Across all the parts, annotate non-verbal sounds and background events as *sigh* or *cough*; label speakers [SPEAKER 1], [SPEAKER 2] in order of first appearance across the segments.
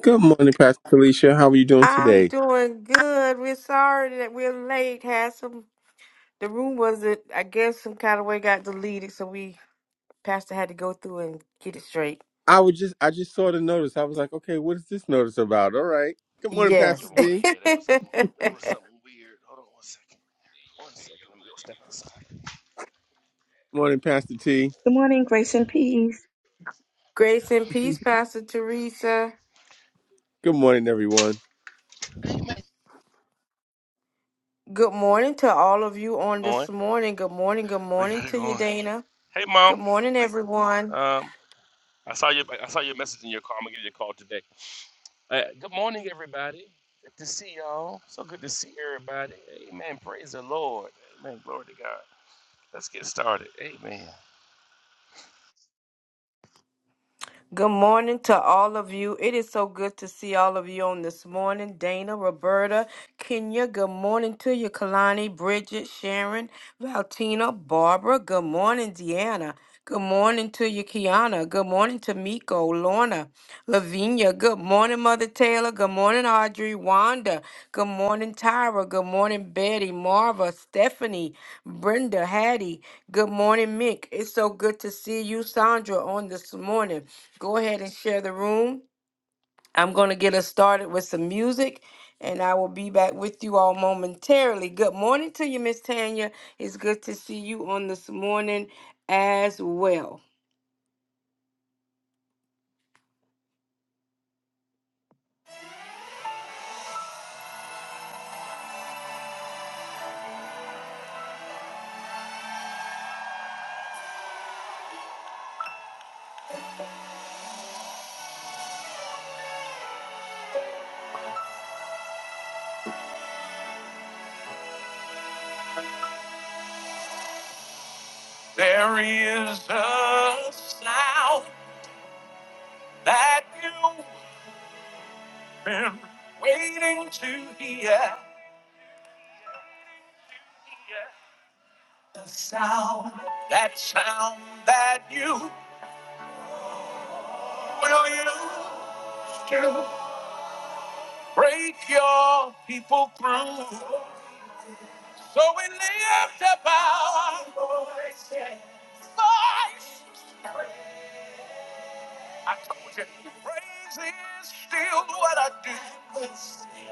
[SPEAKER 1] Good morning, Pastor Felicia. How are you doing
[SPEAKER 2] I'm
[SPEAKER 1] today?
[SPEAKER 2] doing good. We're sorry that we're late. Had some the room wasn't I guess some kind of way got deleted, so we Pastor had to go through and get it straight.
[SPEAKER 1] I was just I just saw the notice. I was like, okay, what is this notice about? All right. Good morning, Pastor
[SPEAKER 3] Good
[SPEAKER 2] Yes.
[SPEAKER 1] D.
[SPEAKER 3] morning. Yeah, that was
[SPEAKER 2] *laughs*
[SPEAKER 3] something. That was something weird. Hold on one second. One second. Let me go step outside.
[SPEAKER 1] morning, Pastor T.
[SPEAKER 4] Good morning, grace and peace.
[SPEAKER 2] Grace and
[SPEAKER 1] *laughs*
[SPEAKER 2] peace, Pastor Teresa.
[SPEAKER 1] Good morning, everyone.
[SPEAKER 2] Good morning to all of you on
[SPEAKER 3] On.
[SPEAKER 2] this morning. Good morning. Good
[SPEAKER 3] We
[SPEAKER 2] morning
[SPEAKER 3] got it
[SPEAKER 2] to you,
[SPEAKER 3] going.
[SPEAKER 2] Dana.
[SPEAKER 3] Hey, mom.
[SPEAKER 2] Good morning, everyone.
[SPEAKER 3] Um, I saw your I saw your message in your call. I'm gonna give you a call today. Uh, good morning, everybody. Good to see y'all. So good to see everybody. Amen. Praise the Lord. Amen. Glory to God. Let's get started. Amen.
[SPEAKER 2] Good morning to all of you. It is so good to see all of you on this morning. Dana, Roberta, Kenya, good morning to you. Kalani, Bridget, Sharon, Valtina, Barbara, good morning, Deanna. Good morning to you, Kiana. Good morning to Miko, Lorna. Lavinia, good morning, Mother Taylor. Good morning, Audrey. Wanda, good morning, Tyra. Good morning, Betty, Marva, Stephanie, Brenda, Hattie. Good morning, Mick. It's so good to see you, Sandra, on this morning. Go ahead and share the room. I'm going to get us started with some music, and I will be back with you all momentarily. Good morning to you, Miss Tanya. It's good to see you on this morning as well. There is a sound. that you've been waiting to hear. The sound, that sound that you will use to break your people through. So we lift up our voice. I told you, praise is still what I do. We'll sing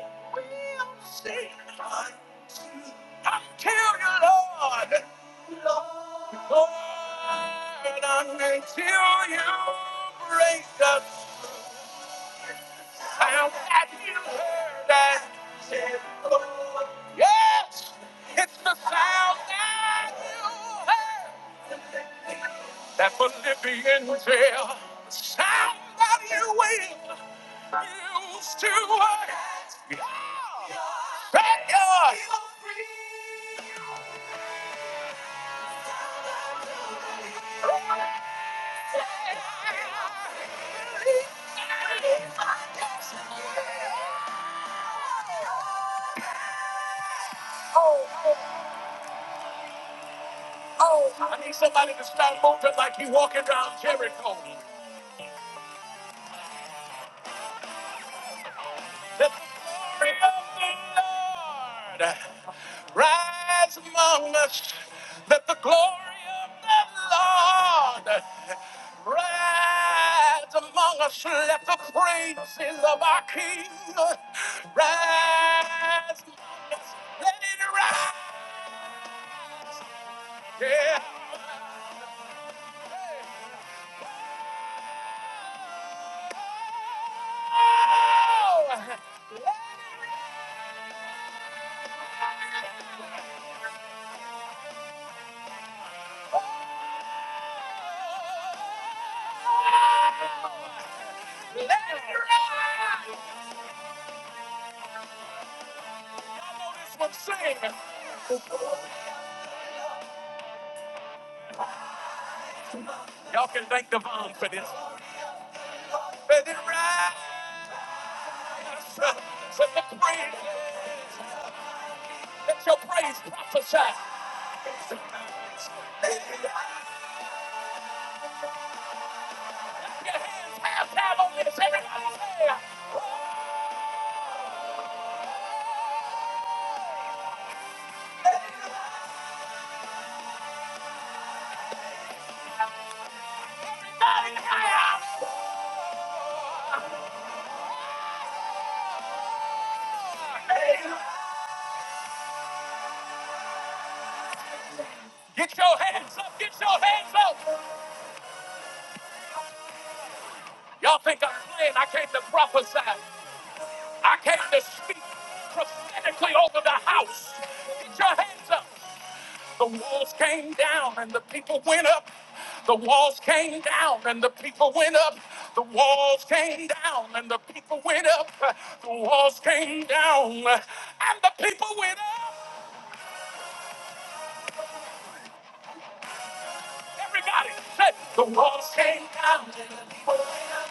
[SPEAKER 2] until you, Lord. Lord, until you break us, I'll have you heard that. Said the Lord. Yes, it's the sound that you heard. That Philippian jail, the sound that you will use to hurt. Thank you. I need somebody to start moving like you walking around Jericho. The glory of the Lord rise among us. Let the glory of the Lord rise among us. Let the praises of our King rise among us. Let it rise. Yeah. Let it ride. Y'all know this one. Sing. Y'all can thank the bomb for this. Let it rise. Let your praise, let your praise prophesy. Your hands have time on this. Everybody say, Get your hands up, get your hands up. Y'all think I'm playing? I came to prophesy. I came to speak prophetically over the house. Get your hands up. The walls came down and the people went up. The walls came down and the people went up. The walls came down and the people went up. The walls came down and the people went up. Everybody say, the walls came down and the people went up.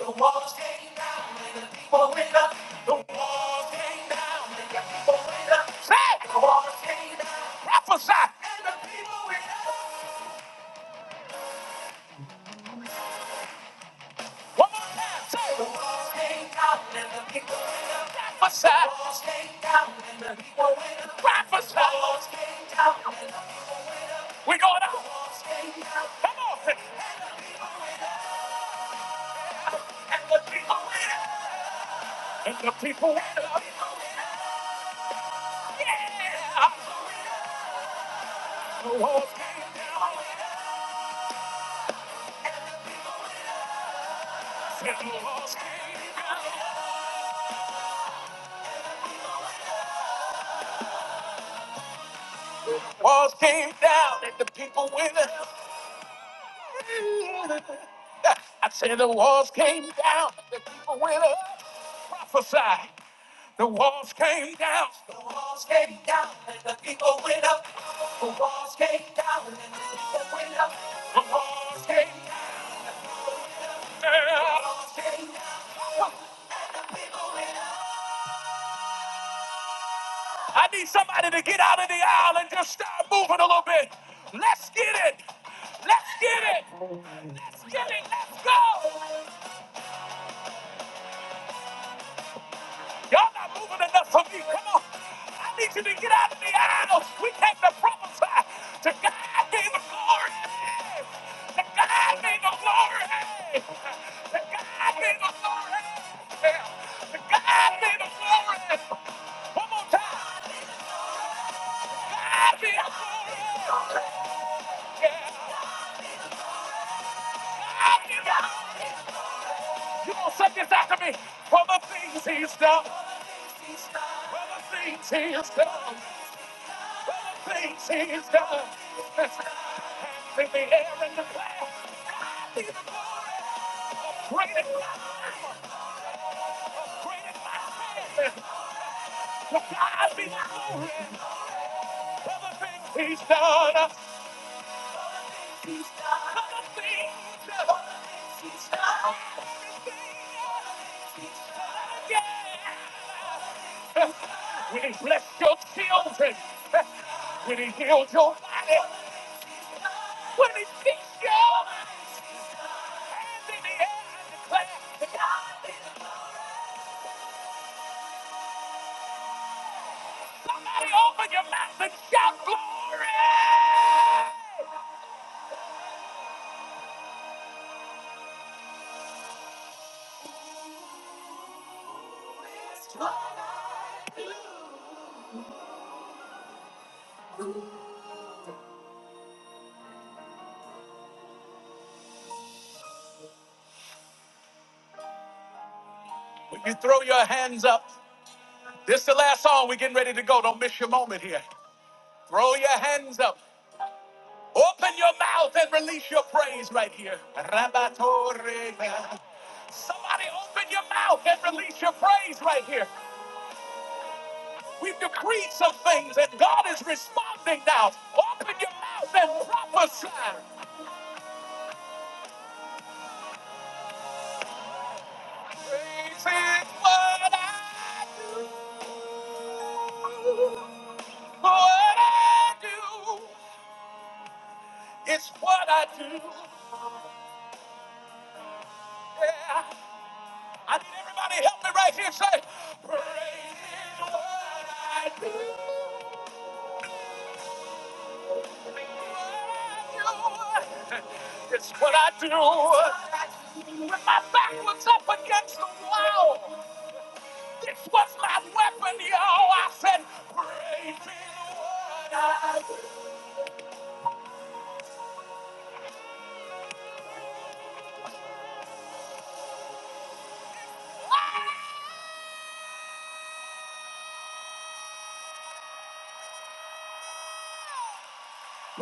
[SPEAKER 2] The walls came down and the people went up. The walls came down and the people went up. Say, the walls came down. Prophesy. And the people went up. One more time. Say, the walls came down and the people went up. Prophesy. The walls came down and the people went up. Prophesy. The walls came down and the people went up. We're going up. The walls came down. Come on. And the people went up. And the people went up. And the people went up. Yeah. The walls came down. said the walls came down. Walls came down. And the people went up. I said the walls came down. and The people went up. Prophesy. The walls came down. The walls came down. And the people went up. The walls came down. And the people went up. The walls came down. The walls came down. I need somebody to get out of the aisle and just start moving a little bit. Let's get it. Let's get it. Let's get it. Let's go. Y'all not moving enough for me. Come on. I need you to get out of the aisle. We came to prophesy. To God be the glory. Hey. To God be the glory. Hey. To God be the glory. Hey. To God be the glory. One more time. God be the glory. Yeah. You gonna say this after me? For the things he's done. For the things he's done. For the things he's done. Let's clap hands in the air and the clap. God be the glory. Great and great and mighty. To God be the glory. For the things he's done. When he blessed your children, when he healed your body, when he fixed your hands in the air and declared, God is good." somebody open your mouth and shout glory. When you throw your hands up, this is the last song. We're getting ready to go. Don't miss your moment here. Throw your hands up. Open your mouth and release your praise right here. Rabatorega. Somebody open your mouth and release your praise right here. We've decreed some things and God is responding now. Open your mouth and prophesy. Praise is what I do. What I do. It's what I do. Yeah. I need everybody to help me right here. Say, praise is what I do. It's what I do. When my back was up against the wall, this was my weapon, y'all. I said, praise is what I do.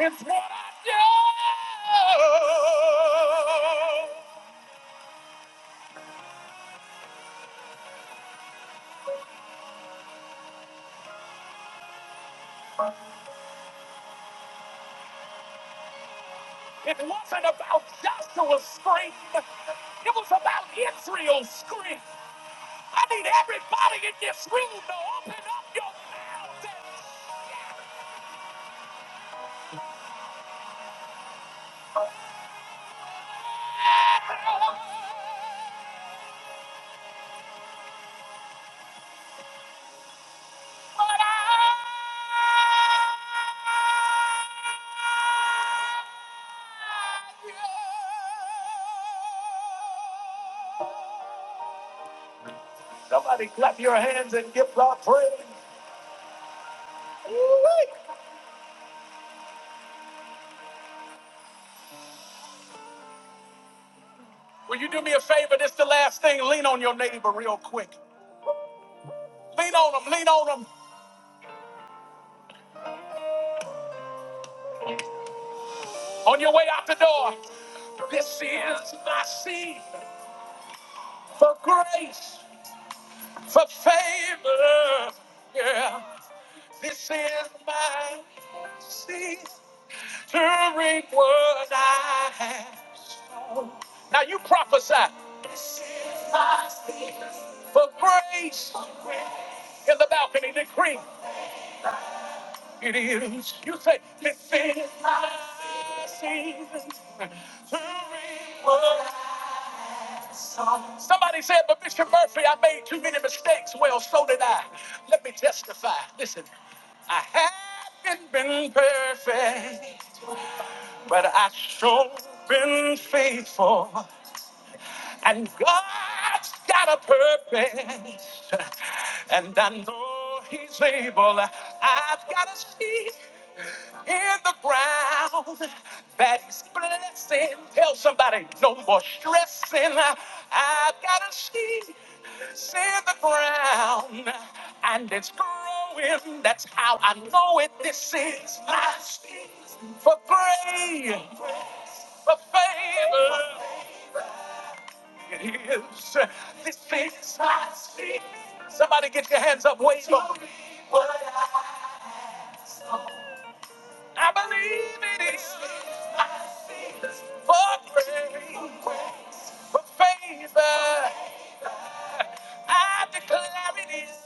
[SPEAKER 2] It's what I do. It wasn't about Joshua's strength. It was about Israel's strength. I need everybody in this room to open up your mouth and shout. But I- Somebody clap your hands and give God praise. Woo-wee. Will you do me a favor? This the last thing. Lean on your neighbor real quick. Lean on them. Lean on them. On your way out the door. This is my seed for grace, for favor. Yeah. This is my seed to reap what I have. Now you prophesy for grace in the balcony. Decree. It is. You say, this is my season to reap." Somebody said, but Bishop Murphy, I made too many mistakes. Well, so did I. Let me testify. Listen, I haven't been perfect, but I've sure been faithful. And God's got a purpose. And I know He's able. I've got a seed in the ground that He's blessing. Tell somebody, no more stressing. I've got a seed in the ground. And it's growing. That's how I know it. This is my seed for grace, for favor. It is. This face I see. Somebody get your hands up, wave them. I believe it is. For grace, for favor, I declare it is.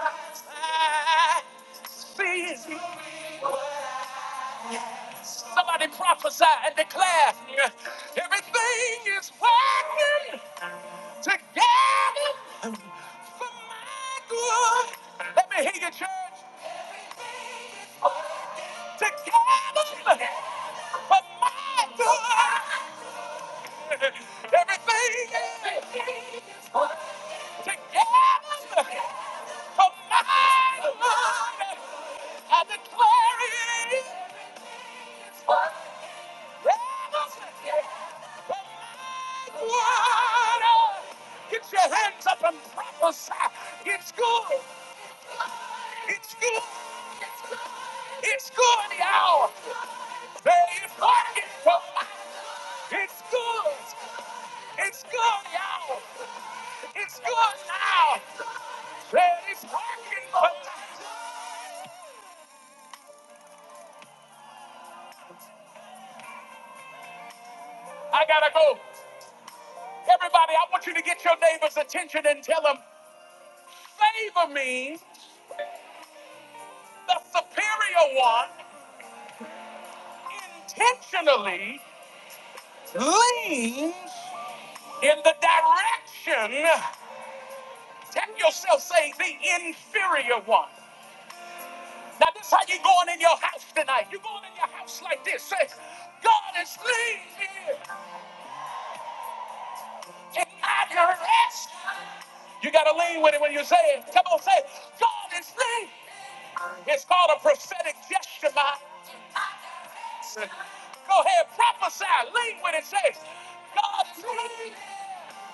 [SPEAKER 2] I see it. Somebody prophesy and declare everything is working together for my good. Let me hear you, church. Everything is working together for my good. Everything is together for my good. I declare it is together for my good. Get your hands up and prophesy. It's good. It's good. It's good, y'all. There is market for my. It's good. It's good, y'all. It's good now. Said it's working, but I gotta go. Everybody, I want you to get your neighbor's attention and tell them favor means the superior one intentionally leans in the direction. Tell yourself, say the inferior one. Now, this how you going in your house tonight. you going in your house like this. Say, God is leaning in my direction. You got to lean with it when you say it. Come on, say it. God is me. It's called a prophetic gesture, my. *laughs* Go ahead, prophesy. Lean with it. Say, it. God is me.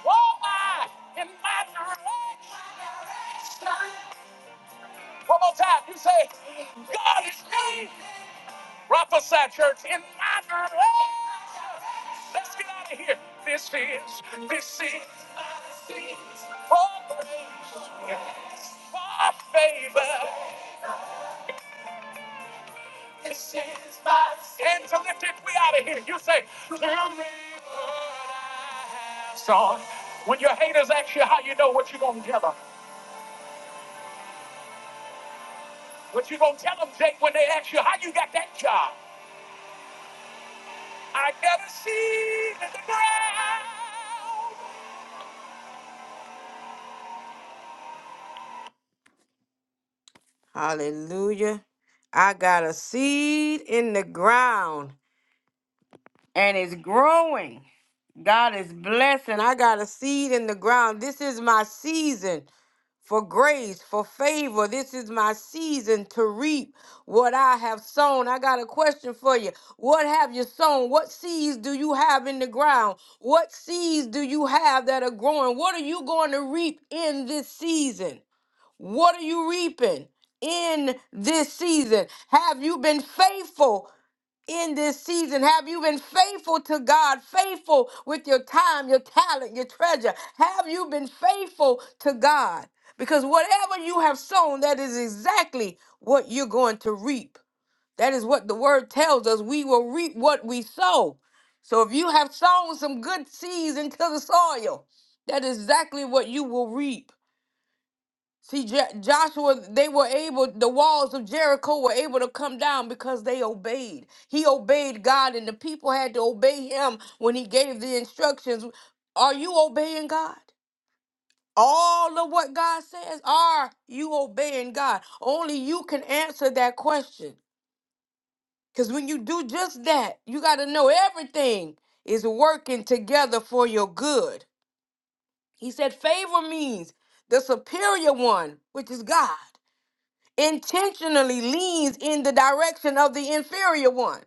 [SPEAKER 2] Oh, my. In my direction. One more time. You say, God is me. Prophesy, church, in my direction. Let's get out of here. This is, this is for grace, for favor. This is my season. Hands are lifted. We out of here. You say, tell me what I have. Son, when your haters ask you how you know what you're going to tell them, what you going to tell them, Jake, when they ask you how you got that job? I never see the ground. Hallelujah. I got a seed in the ground and it's growing. God is blessing. I got a seed in the ground. This is my season for grace, for favor. This is my season to reap what I have sown. I got a question for you. What have you sown? What seeds do you have in the ground? What seeds do you have that are growing? What are you going to reap in this season? What are you reaping in this season? Have you been faithful in this season? Have you been faithful to God? Faithful with your time, your talent, your treasure? Have you been faithful to God? Because whatever you have sown, that is exactly what you're going to reap. That is what the word tells us. We will reap what we sow. So if you have sown some good seeds into the soil, that is exactly what you will reap. See, Jo- Joshua, they were able, the walls of Jericho were able to come down because they obeyed. He obeyed God, and the people had to obey him when he gave the instructions. Are you obeying God? All of what God says, are you obeying God? Only you can answer that question. Because when you do just that, you got to know everything is working together for your good. He said, favor means the superior one, which is God intentionally leans in the direction of the inferior one.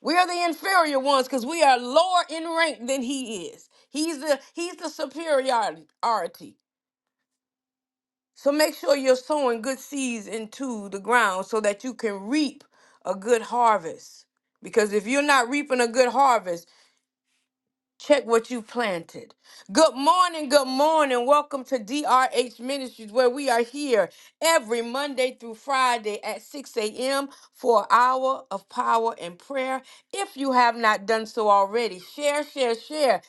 [SPEAKER 2] We are the inferior ones because we are lower in rank than he is. He's the he's the superiority. So make sure you're sowing good seeds into the ground so that you can reap a good harvest. Because if you're not reaping a good harvest, Check what you planted. Good morning, good morning. Welcome to DRH Ministries, where we are here every Monday through Friday at 6 a.m. for an hour of power and prayer if you have not done so already, share, share, share.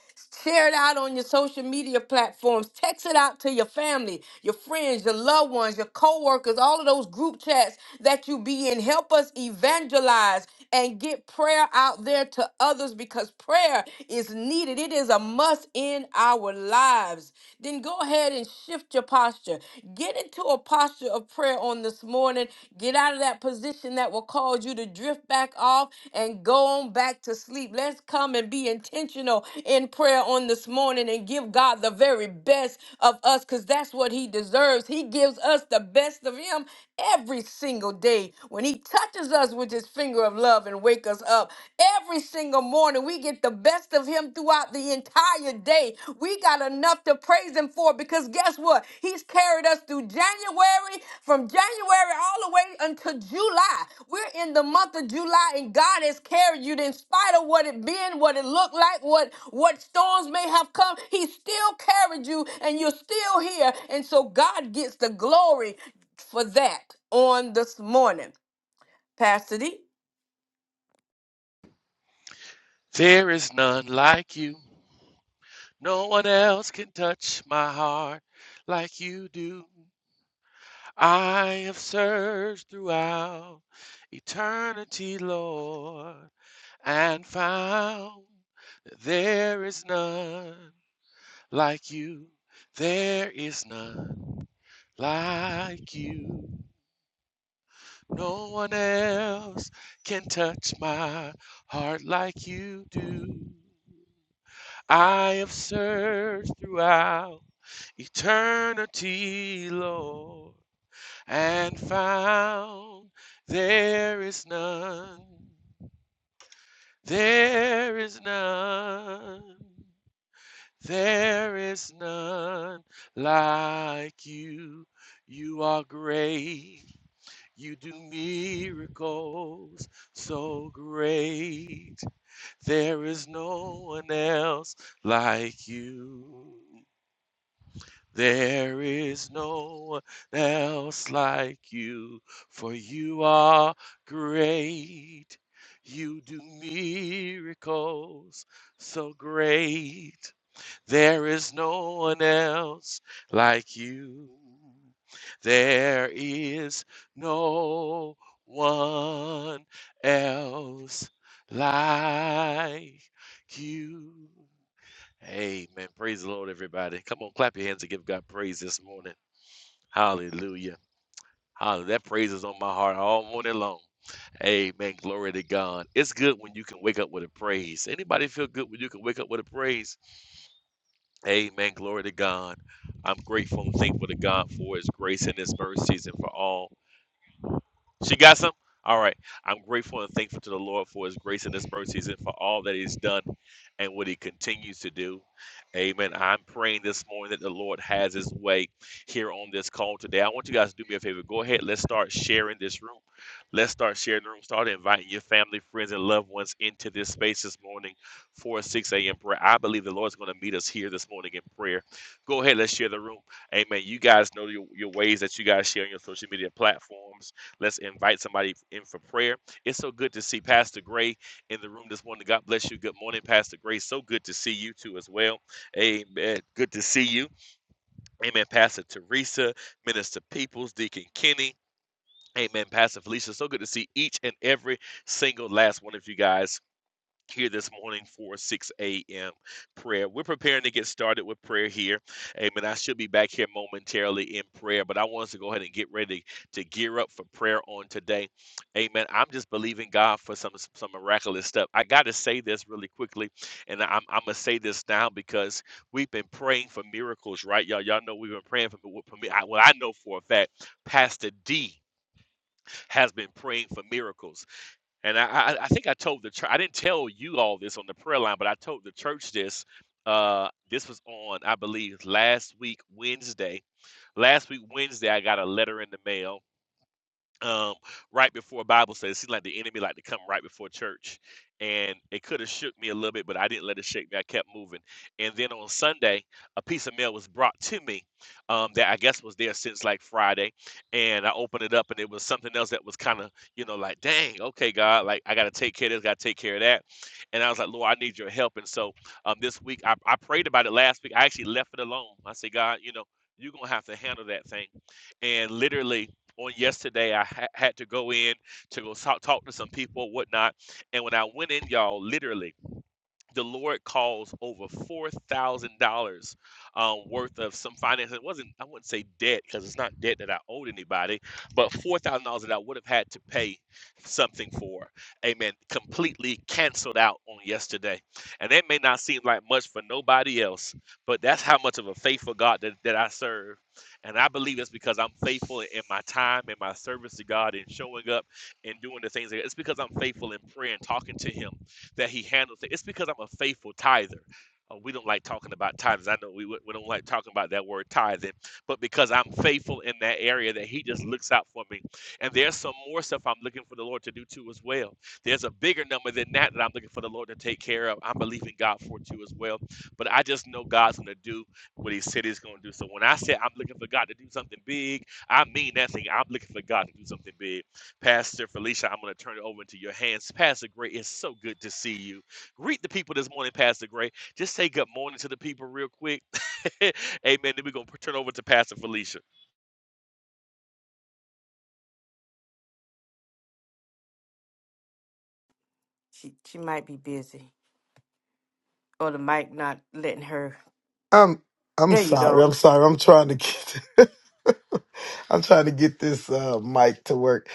[SPEAKER 2] Share it out on your social media platforms. Text it out to your family, your friends, your loved ones, your coworkers, all of those group chats that you be in. Help us evangelize and get prayer out there to others because prayer is needed. It is a must in our lives. Then go ahead and shift your posture. Get into a posture of prayer on this morning. Get out of that position that will cause you to drift back off and go on back to sleep. Let's come and be intentional in prayer on this morning and give God the very best of us because that's what He deserves. He gives us the best of Him every single day when he touches us with his finger of love and wake us up every single morning we get the best of him throughout the entire day we got enough to praise him for because guess what he's carried us through january from january all the way until july we're in the month of july and god has carried you in spite of what it been what it looked like what what storms may have come he still carried you and you're still here and so god gets the glory for that on this morning. Pastor D,
[SPEAKER 3] There is none like you. No one else can touch my heart like you do. I have searched throughout eternity, Lord, and found that there is none like you. There is none like you. No one else can touch my heart like you do. I have searched throughout eternity, Lord and found there is none, there is none, there is none like you. You are great, you do miracles so great. There is no one else like you. There is no one else like you, for you are great. You do miracles so great. There is no one else like you. There is no one else like you. Amen. Praise the Lord, everybody. Come on, clap your hands and give God praise this morning. Hallelujah. Hallelujah. That praise is on my heart all morning long. Amen. Glory to God. It's good when you can wake up with a praise. Anybody feel good when you can wake up with a praise? Amen. Glory to God. I'm grateful and thankful to God for his grace and his mercies and for all. She got some? All right. I'm grateful and thankful to the Lord for his grace in this first season, for all that he's done and what he continues to do. Amen. I'm praying this morning that the Lord has his way here on this call today. I want you guys to do me a favor. Go ahead. Let's start sharing this room. Let's start sharing the room. Start inviting your family, friends, and loved ones into this space this morning for 6 a.m. prayer. I believe the Lord's going to meet us here this morning in prayer. Go ahead. Let's share the room. Amen. You guys know your, your ways that you guys share on your social media platforms Let's invite somebody in for prayer. It's so good to see Pastor Gray in the room this morning. God bless you. Good morning, Pastor Gray. So good to see you too as well. Amen. Good to see you. Amen. Pastor Teresa, Minister Peoples, Deacon Kenny. Amen. Pastor Felicia. So good to see each and every single last one of you guys here this morning for 6 a.m. prayer. We're preparing to get started with prayer here. Amen. I should be back here momentarily in prayer, but I want us to go ahead and get ready to gear up for prayer on today. Amen. I'm just believing God for some some miraculous stuff. I got to say this really quickly, and I'm, I'm going to say this now because we've been praying for miracles, right? Y'all, y'all know we've been praying for, for me. I, well, I know for a fact, Pastor D has been praying for miracles and I, I, I think I told the church. I didn't tell you all this on the prayer line, but I told the church this. Uh, this was on, I believe, last week Wednesday. Last week Wednesday, I got a letter in the mail um, right before Bible study, it seemed like the enemy like to come right before church. And it could have shook me a little bit, but I didn't let it shake me. I kept moving. And then on Sunday, a piece of mail was brought to me um, that I guess was there since like Friday. And I opened it up and it was something else that was kind of, you know, like, dang, okay, God, like I got to take care of this, got to take care of that. And I was like, Lord, I need your help. And so um, this week, I, I prayed about it last week. I actually left it alone. I said, God, you know, you're going to have to handle that thing. And literally, on yesterday. I ha- had to go in to go talk, talk to some people, whatnot. And when I went in, y'all, literally the Lord calls over four thousand um, dollars um, worth of some finance. It wasn't, I wouldn't say debt because it's not debt that I owed anybody, but four thousand dollars that I would have had to pay something for. Amen. Completely canceled out on yesterday, and that may not seem like much for nobody else, but that's how much of a faithful God that, that I serve. And I believe it's because I'm faithful in my time and my service to God and showing up and doing the things. that- It's because I'm faithful in prayer and talking to Him that he handles it. It's because I'm a faithful tither. Uh, we don't like talking about tithes. I know we, we don't like talking about that word tithing, but because I'm faithful in that area, that He just looks out for me. And there's some more stuff I'm looking for the Lord to do too as well. There's a bigger number than that that I'm looking for the Lord to take care of. I'm believing God for too as well. But I just know God's going to do what He said He's going to do. So when I say I'm looking for God to do something big, I mean that thing. I'm looking for God to do something big. Pastor Felicia, I'm going to turn it over into your hands. Pastor Gray, it's so good to see you. Greet the people this morning, Pastor Gray. Just say good morning to the people real quick. *laughs* Amen. Then we're going to turn over to Pastor Felicia.
[SPEAKER 2] she, she might be busy or the mic not letting her.
[SPEAKER 5] I'm I'm
[SPEAKER 2] There you go.
[SPEAKER 5] sorry. I'm sorry. I'm trying to get *laughs* I'm trying to get this uh mic to work.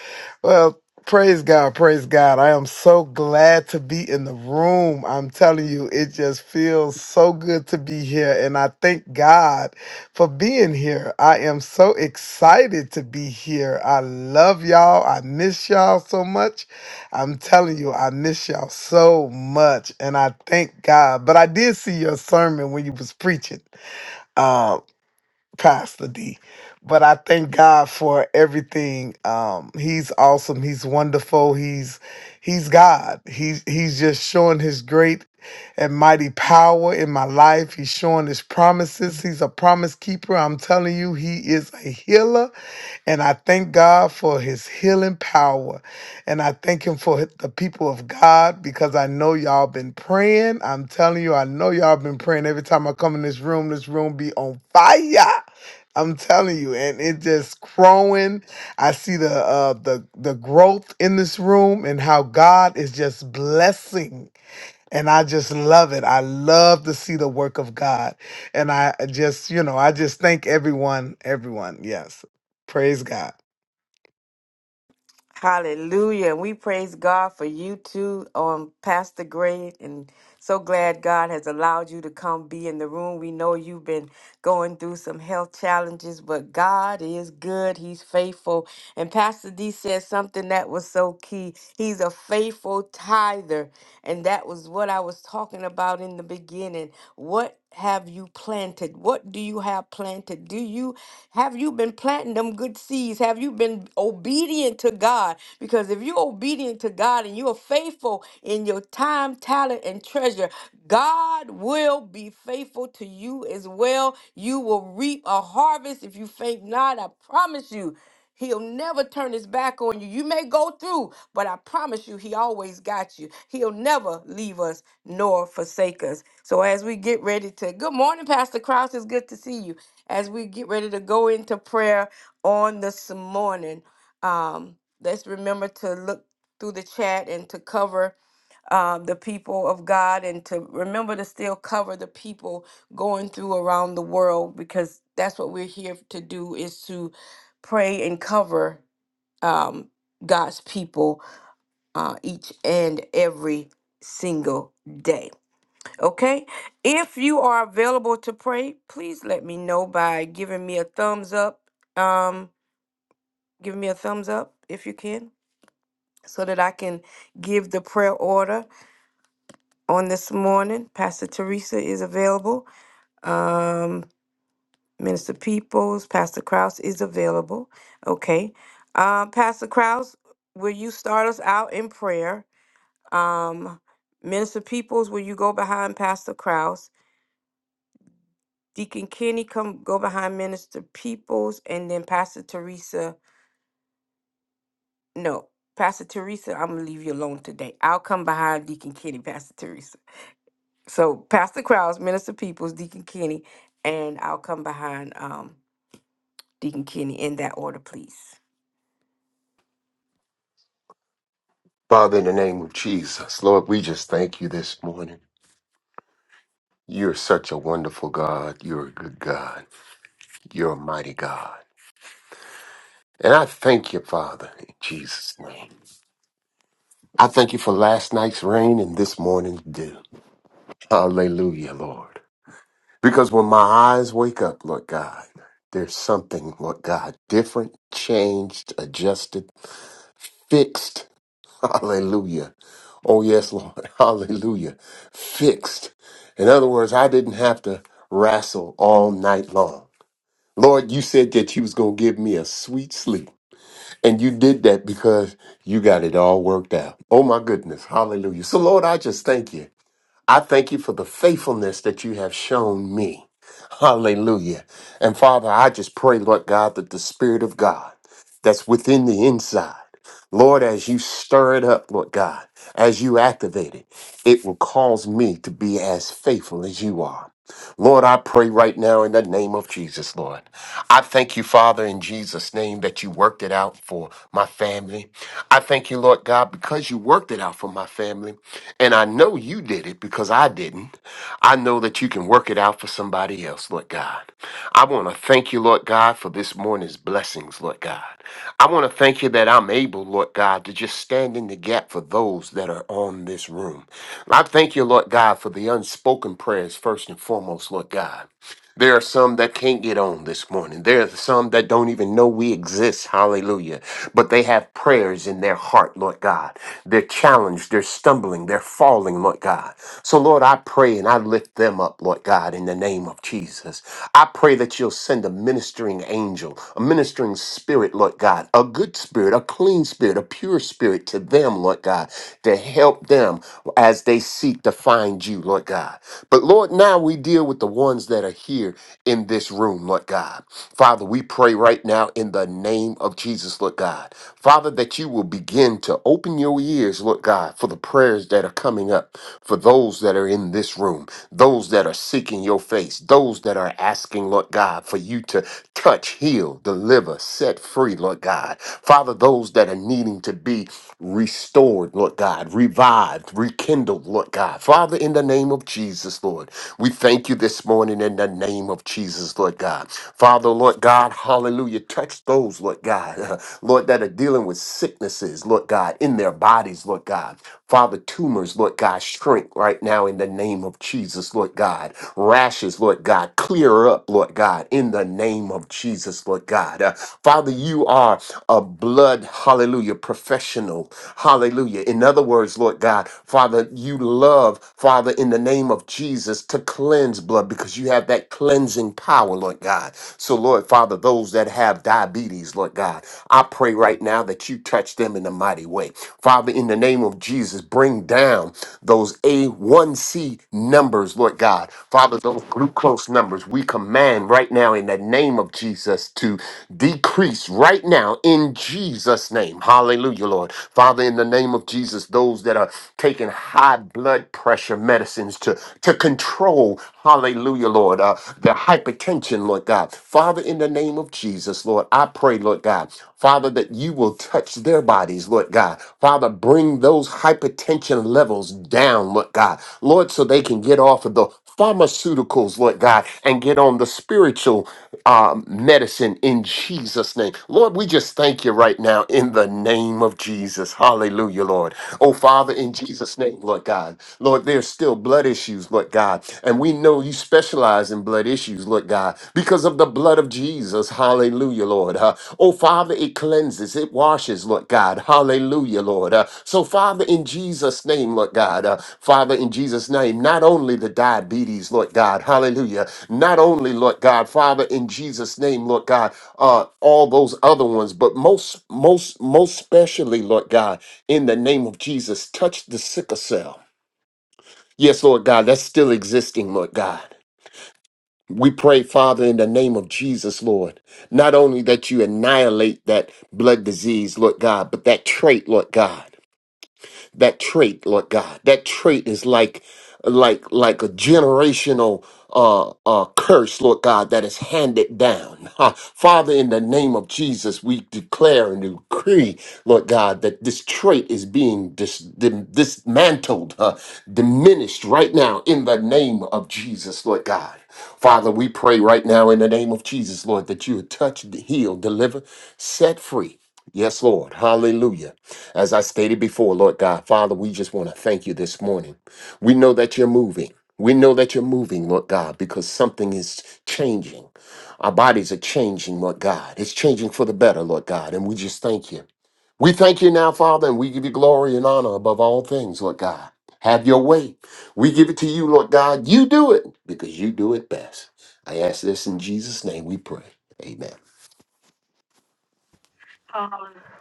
[SPEAKER 5] Well, praise God, praise God. I am so glad to be in the room. I'm telling you, it just feels so good to be here and I thank God for being here. I am so excited to be here. I love y'all. I miss y'all so much. I'm telling you, I miss y'all so much and I thank God. But I did see your sermon when you was preaching um, Pastor D. But I thank God for everything. Um, he's awesome. He's wonderful. He's he's God. He's he's just showing his great and mighty power in my life. He's showing his promises. He's a promise keeper. I'm telling you, he is a healer. And I thank God for his healing power. And I thank him for the people of God because I know y'all been praying. I'm telling you, I know y'all been praying. Every time I come in this room, this room be on fire. I'm telling you, and it just growing. I see the uh the the growth in this room and how God is just blessing. And I just love it. I love to see the work of God. And I just, you know, I just thank everyone, everyone. Yes. Praise God.
[SPEAKER 2] Hallelujah. And we praise God for you too, um, Pastor Gray. And so glad God has allowed you to come be in the room. We know you've been going through some health challenges, but God is good. He's faithful. And Pastor D said something that was so key. He's a faithful tither. And that was what I was talking about in the beginning. What have you planted? What do you have planted? Do you have you been planting them good seeds? Have you been obedient to God? Because if you're obedient to God and you are faithful in your time, talent, and treasure, God will be faithful to you as well. You will reap a harvest if you faint not. I promise you. He'll never turn his back on you. You may go through, but I promise you, he always got you. He'll never leave us nor forsake us. So as we get ready to good morning, Pastor Krause, it's good to see you. As we get ready to go into prayer on this morning, um, let's remember to look through the chat and to cover um, the people of God and to remember to still cover the people going through around the world because that's what we're here to do is to pray and cover um, God's people uh, each and every single day. Okay. If you are available to pray, please let me know by giving me a thumbs up. Um, giving me a thumbs up if you can, so that I can give the prayer order on this morning. Pastor Teresa is available. Um, Minister Peoples, Pastor Krause is available. Okay. Um, Pastor Krause, will you start us out in prayer? Um, Minister Peoples, will you go behind Pastor Krause? Deacon Kenny come go behind Minister Peoples and then Pastor Teresa. No, Pastor Teresa, I'm gonna leave you alone today. I'll come behind Deacon Kenny, *laughs* Pastor Teresa. So Pastor Krause, Minister Peoples, Deacon Kenny, and I'll come behind um Deacon Kenny in that order, please.
[SPEAKER 6] Father, in the name of Jesus, Lord, we just thank you this morning. You're such a wonderful God. You're a good God. You're a mighty God. And I thank you, Father, in Jesus' name. I thank you for last night's rain and this morning's dew. Hallelujah, Lord. Because when my eyes wake up, Lord God, there's something, Lord God, different, changed, adjusted, fixed *laughs* Hallelujah. Oh, yes, Lord. *laughs* Hallelujah. Fixed. In other words, I didn't have to wrestle all night long. Lord, you said that you was going to give me a sweet sleep. And you did that because you got it all worked out. Oh, my goodness. Hallelujah. So, Lord, I just thank you. I thank you for the faithfulness that you have shown me. Hallelujah. And Father, I just pray, Lord God, that the Spirit of God that's within the inside, Lord, as you stir it up, Lord God, as you activate it, it will cause me to be as faithful as you are. Lord, I pray right now in the name of Jesus, Lord. I thank you, Father, in Jesus' name that you worked it out for my family. I thank you, Lord God, because you worked it out for my family. And I know you did it because I didn't. I know that you can work it out for somebody else, Lord God. I want to thank you, Lord God, for this morning's blessings, Lord God. I want to thank you that I'm able, Lord God, to just stand in the gap for those that are on this room. I thank you, Lord God, for the unspoken prayers, first and foremost, Lord God. There are some that can't get on this morning. There are some that don't even know we exist. Hallelujah. But they have prayers in their heart, Lord God. They're challenged, they're stumbling, they're falling, Lord God. So, Lord, I pray and I lift them up, Lord God, in the name of Jesus. I pray that you'll send a ministering angel, a ministering spirit, Lord God, a good spirit, a clean spirit, a pure spirit to them, Lord God, to help them as they seek to find you, Lord God. But Lord, now we deal deal with the ones that are here in this room, Lord God. Father, we pray right now in the name of Jesus, Lord God. Father, that you will begin to open your ears, Lord God, for the prayers that are coming up, for those that are in this room, those that are seeking your face, those that are asking, Lord God, for you to touch, heal, deliver, set free, Lord God. Father, those that are needing to be restored, Lord God, revived, rekindled, Lord God. Father, in the name of Jesus. Jesus, Lord. We thank you this morning in the name of Jesus, Lord God. Father, Lord God, hallelujah. Touch those, Lord God, *laughs* uh, Lord, that are dealing with sicknesses, Lord God, in their bodies, Lord God. Father, tumors, Lord God, shrink right now in the name of Jesus, Lord God. Rashes, Lord God, clear up, Lord God, in the name of Jesus, Lord God. Uh, Father, you are a blood, hallelujah, professional, hallelujah. In other words, Lord God, Father, you love. Father, in the name of Jesus, to cleanse blood because you have that cleansing power, Lord God. So, Lord Father, those that have diabetes, Lord God, I pray right now that you touch them in a mighty way. Father, in the name of Jesus, bring down those A1C numbers, Lord God. Father, those glucose numbers, we command right now in the name of Jesus to decrease right now in Jesus' name. Hallelujah, Lord. Father, in the name of Jesus, those that are taking high blood pressure medicines to, to control, hallelujah, Lord, uh, the hypertension, Lord God. Father, in the name of Jesus, Lord, I pray, Lord God, Father, that you will touch their bodies, Lord God. Father, bring those hypertension levels down, Lord God. Lord, so they can get off of the pharmaceuticals, Lord God, and get on the spiritual um, medicine in Jesus' name. Lord, we just thank you right now in the name of Jesus. Hallelujah, Lord. Oh, Father, in Jesus' name, Lord God. Lord, there's still blood issues, Lord God. And we know you specialize in blood issues, Lord God, because of the blood of Jesus. Hallelujah, Lord. Uh, oh, Father, it cleanses, it washes, Lord God. Hallelujah, Lord. Uh, so, Father, in Jesus' name, Lord God, uh, Father, in Jesus' name, not only the diabetes, Lord God, hallelujah, not only, Lord God, Father, in Jesus' name, Lord God, uh, all those other ones, but most, most, most specially, Lord God in the name of Jesus, touch the sickle cell. Yes, Lord God, that's still existing, Lord God. We pray, Father, in the name of Jesus, Lord, not only that you annihilate that blood disease, Lord God, but that trait, Lord God that trait, Lord God. That trait is like like like a generational uh, uh, curse, Lord God, that is handed down. *laughs* Ha. Father, in the name of Jesus, we declare and decree, Lord God, that this trait is being dis- dim- dismantled, uh, diminished right now in the name of Jesus, Lord God. Father, we pray right now in the name of Jesus, Lord, that you would touch, heal, deliver, set free. Yes, Lord. Hallelujah. As I stated before, Lord God, Father, we just want to thank you this morning. We know that you're moving. We know that you're moving, Lord God, because something is changing. Our bodies are changing, Lord God. It's changing for the better, Lord God, and we just thank you. We thank you now, Father, and we give you glory and honor above all things, Lord God. Have your way. We give it to you, Lord God. You do it because you do it best. I ask this in Jesus' name we pray. Amen.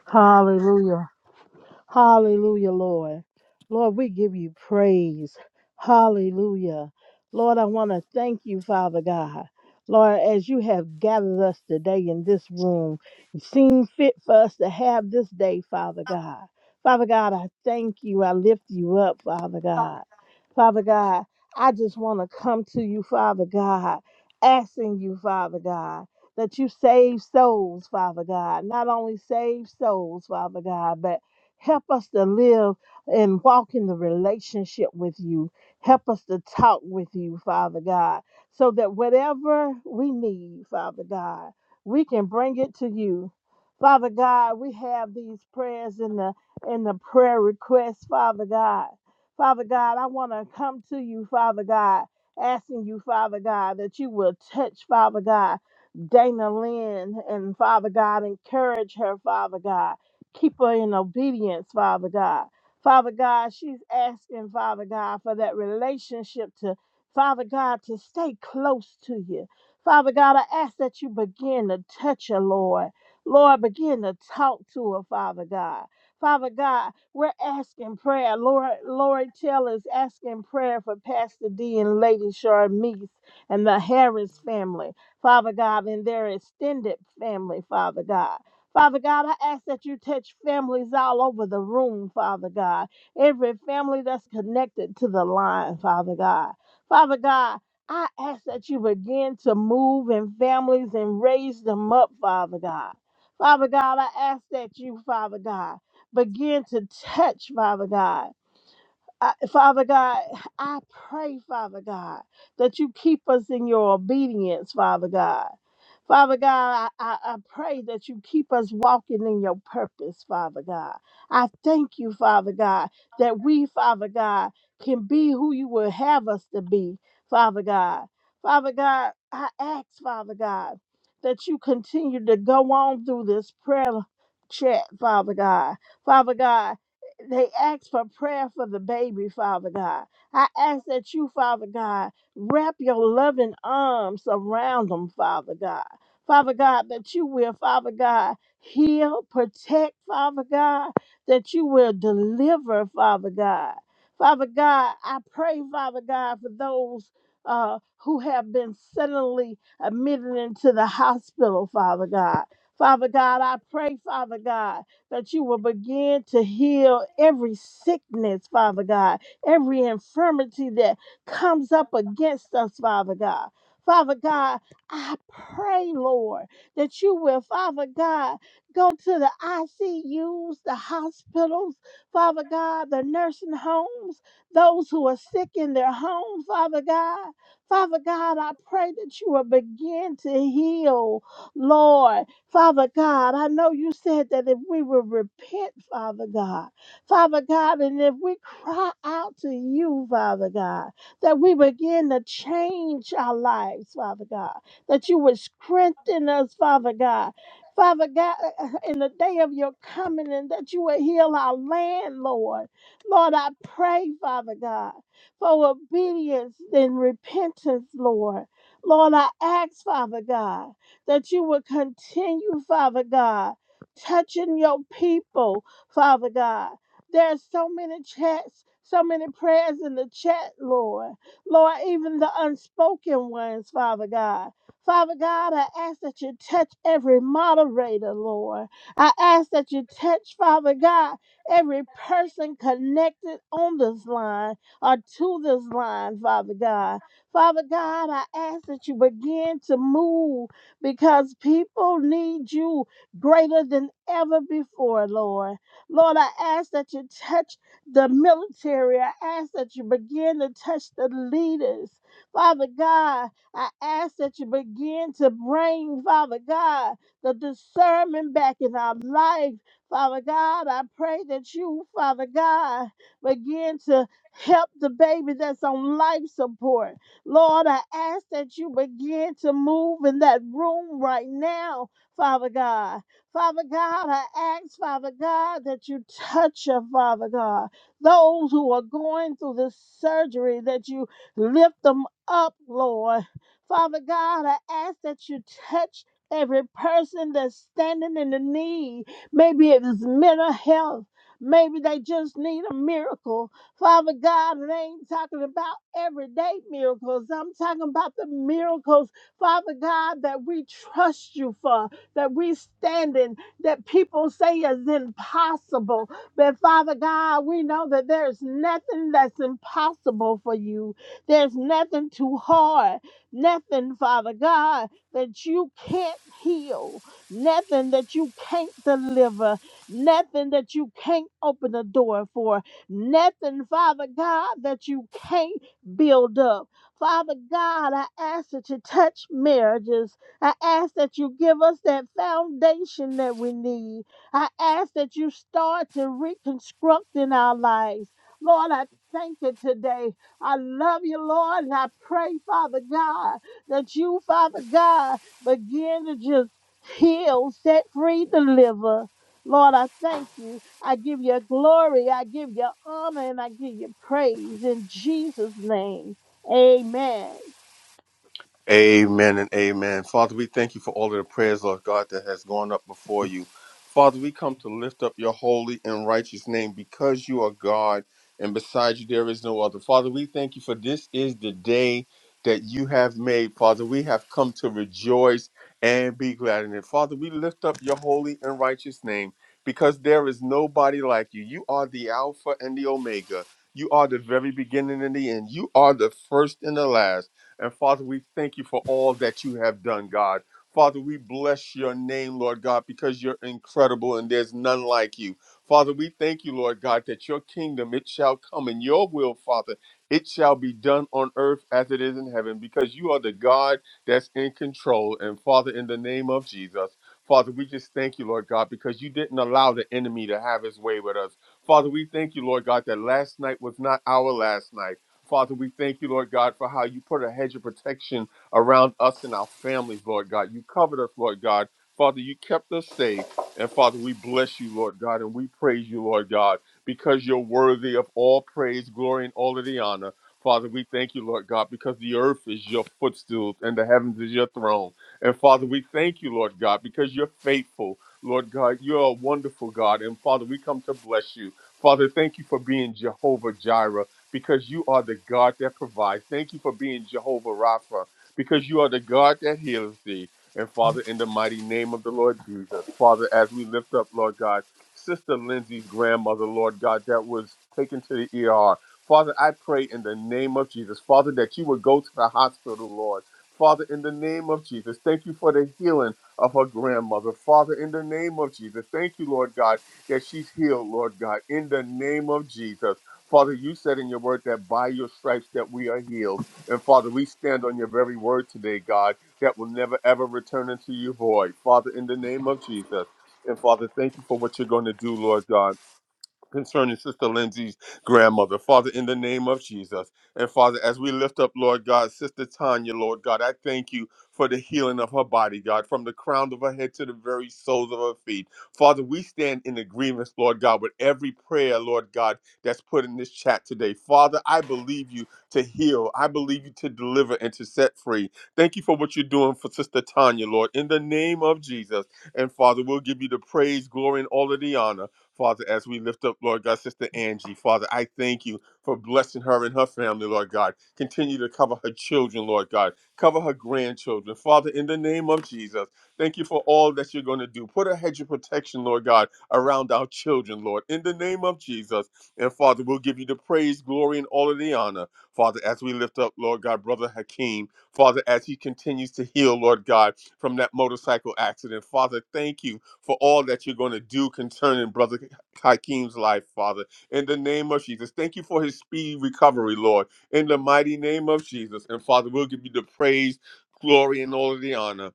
[SPEAKER 7] Hallelujah. Hallelujah, Lord. Lord, we give you praise. Hallelujah. Lord, I want to thank you, Father God. Lord, as you have gathered us today in this room, you seem fit for us to have this day, Father God. Father God, I thank you. I lift you up, Father God. Father God, I just want to come to you, Father God, asking you, Father God, that you save souls, Father God. Not only save souls, Father God, but Help us to live and walk in the relationship with you. Help us to talk with you, Father God, so that whatever we need, Father God, we can bring it to you. Father God, we have these prayers in the in the prayer requests, Father God. Father God, I want to come to you, Father God, asking you, Father God, that you will touch, Father God, Dana Lynn and Father God, encourage her, Father God. Keep her in obedience, Father God. Father God, she's asking, Father God, for that relationship to, Father God, to stay close to you. Father God, I ask that you begin to touch her, Lord. Lord, begin to talk to her, Father God. Father God, we're asking prayer. Lord, Lord Tell is asking prayer for Pastor D and Lady Sharmise and the Harris family, Father God, and their extended family, Father God. Father God, I ask that you touch families all over the room, Father God. Every family that's connected to the line, Father God. Father God, I ask that you begin to move in families and raise them up, Father God. Father God, I ask that you, Father God, begin to touch, Father God. I, Father God, I pray, Father God, that you keep us in your obedience, Father God. Father God, I, I I pray that you keep us walking in your purpose, Father God. I thank you, Father God, that we, Father God, can be who you will have us to be, Father God. Father God, I ask, Father God, that you continue to go on through this prayer chat, Father God. Father God, they asked for prayer for the baby, Father God. I ask that you, Father God, wrap your loving arms around them, Father God. Father God, that you will, Father God, heal, protect, Father God, that you will deliver, Father God. Father God, I pray, Father God, for those uh, who have been suddenly admitted into the hospital, Father God. Father God, I pray, Father God, that you will begin to heal every sickness, Father God, every infirmity that comes up against us, Father God. Father God, I pray, Lord, that you will, Father God, go to the ICUs, the hospitals, Father God, the nursing homes, those who are sick in their homes, Father God. Father God, I pray that you will begin to heal, Lord, Father God, I know you said that if we will repent, Father God, Father God, and if we cry out to you, Father God, that we begin to change our lives, Father God, that you would strengthen us, Father God. Father God, uh, in the day of your coming, and that you would heal our land, Lord. Lord, I pray, Father God, for obedience and repentance, Lord. Lord, I ask, Father God that you would continue, Father God, touching your people, Father God. There's so many chats, so many prayers in the chat, Lord. Lord, even the unspoken ones, Father God. Father God, I ask that you touch every moderator, Lord. I ask that you touch, Father God, every person connected on this line or to this line, Father God. Father God, I ask that you begin to move because people need you greater than ever before, Lord. Lord, I ask that you touch the military. I ask that you begin to touch the leaders. Father God, I ask that you begin to bring, Father God, the discernment back in our life. Father God, I pray that you, Father God, begin to help the baby that's on life support. Lord, I ask that you begin to move in that room right now, Father God. Father God, I ask, Father God, that you touch her, Father God. Those who are going through this surgery, that you lift them up, Lord. Father God, I ask that you touch every person that's standing in the need. Maybe it is mental health. Maybe they just need a miracle. Father God, and I ain't talking about everyday miracles. I'm talking about the miracles, Father God, that we trust you for, that we stand in, that people say is impossible. But Father God, we know that there's nothing that's impossible for you. There's nothing too hard, nothing, Father God, that you can't heal, nothing that you can't deliver, nothing that you can't open the door for. Nothing, Father God, that you can't build up. Father God, I ask that you touch marriages. I ask that you give us that foundation that we need. I ask that you start to reconstruct in our lives. Lord, I thank you today. I love you, Lord, and I pray, Father God, that you, Father God, begin to just heal, set free, deliver. Lord, I thank you. I give you glory, I give you honor, and I give you praise in Jesus' name. Amen.
[SPEAKER 1] Amen and amen. Father, we thank you for all of the prayers, Lord God, that has gone up before you. Father, we come to lift up your holy and righteous name because you are God and beside you there is no other. Father, we thank you for this is the day that you have made. Father, we have come to rejoice and be glad in it. Father, we lift up your holy and righteous name because there is nobody like you. You are the Alpha and the Omega. You are the very beginning and the end. You are the first and the last. And Father, we thank you for all that you have done, God. Father, we bless your name, Lord God, because you're incredible and there's none like you. Father, we thank you, Lord God, that your kingdom, it shall come and your will, Father, it shall be done on earth as it is in heaven, because you are the God that's in control. And Father, in the name of Jesus, Father, we just thank you, Lord God, because you didn't allow the enemy to have his way with us. Father, we thank you, Lord God, that last night was not our last night. Father, we thank you, Lord God, for how you put a hedge of protection around us and our families, Lord God. You covered us, Lord God. Father, you kept us safe. And Father, we bless you, Lord God, and we praise you, Lord God, because you're worthy of all praise, glory, and all of the honor. Father, we thank you, Lord God, because the earth is your footstool and the heavens is your throne. And Father, we thank you, Lord God, because you're faithful. Lord God, you're a wonderful God. And Father, we come to bless you. Father, thank you for being Jehovah Jireh because you are the God that provides. Thank you for being Jehovah Rapha because you are the God that heals thee. And Father, in the mighty name of the Lord Jesus, Father, as we lift up, Lord God, Sister Lindsay's grandmother, Lord God, that was taken to the ER. Father, I pray in the name of Jesus, Father, that you would go to the hospital, Lord. Father, in the name of Jesus, thank you for the healing of her grandmother. Father, in the name of Jesus, thank you, Lord God, that she's healed, Lord God, in the name of Jesus. Father, you said in your word that by your stripes that we are healed. And Father, we stand on your very word today, God, that will never ever return unto you void. Father, in the name of Jesus. And Father, thank you for what you're going to do, Lord God concerning Sister Lindsay's grandmother. Father, in the name of Jesus. And Father, as we lift up, Lord God, Sister Tanya, Lord God, I thank you for the healing of her body, God, from the crown of her head to the very soles of her feet. Father, we stand in agreement, Lord God, with every prayer, Lord God, that's put in this chat today. Father, I believe you to heal. I believe you to deliver and to set free. Thank you for what you're doing for Sister Tanya, Lord, in the name of Jesus. And Father, we'll give you the praise, glory, and all of the honor. Father, as we lift up, Lord God, Sister Angie, Father, I thank you for blessing her and her family, Lord God. Continue to cover her children, Lord God. Cover her grandchildren. Father, in the name of Jesus, thank you for all that you're going to do. Put a hedge of protection, Lord God, around our children, Lord, in the name of Jesus. And Father, we'll give you the praise, glory, and all of the honor. Father, as we lift up, Lord God, Brother Hakeem, Father, as he continues to heal, Lord God, from that motorcycle accident, Father, thank you for all that you're going to do concerning Brother Hakeem's life, Father. In the name of Jesus, thank you for his speedy recovery, Lord. In the mighty name of Jesus. And Father, we'll give you the praise, glory, and all of the honor.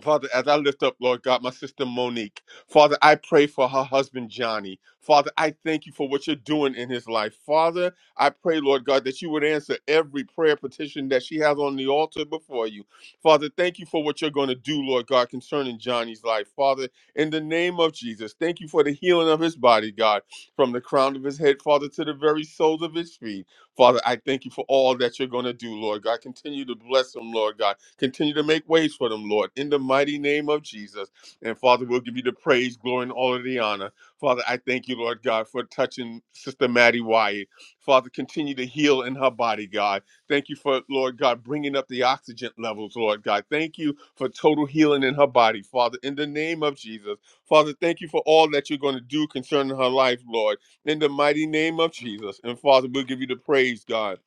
[SPEAKER 1] Father, as I lift up, Lord God, my sister Monique, Father, I pray for her husband Johnny. Father, I thank you for what you're doing in his life. Father, I pray, Lord God, that you would answer every prayer petition that she has on the altar before you. Father, thank you for what you're going to do, Lord God, concerning Johnny's life. Father, in the name of Jesus, thank you for the healing of his body, God, from the crown of his head, Father, to the very soles of his feet. Father, I thank you for all that you're going to do, Lord God. Continue to bless them, Lord God. Continue to make ways for them, Lord, in the mighty name of Jesus. And Father, we'll give you the praise, glory, and all of the honor. Father, I thank you, Lord God, for touching Sister Maddie Wyatt. Father, continue to heal in her body, God. Thank you for, Lord God, bringing up the oxygen levels, Lord God. Thank you for total healing in her body, Father, in the name of Jesus. Father, thank you for all that you're going to do concerning her life, Lord in the mighty name of Jesus. And Father, we'll give you the praise, God.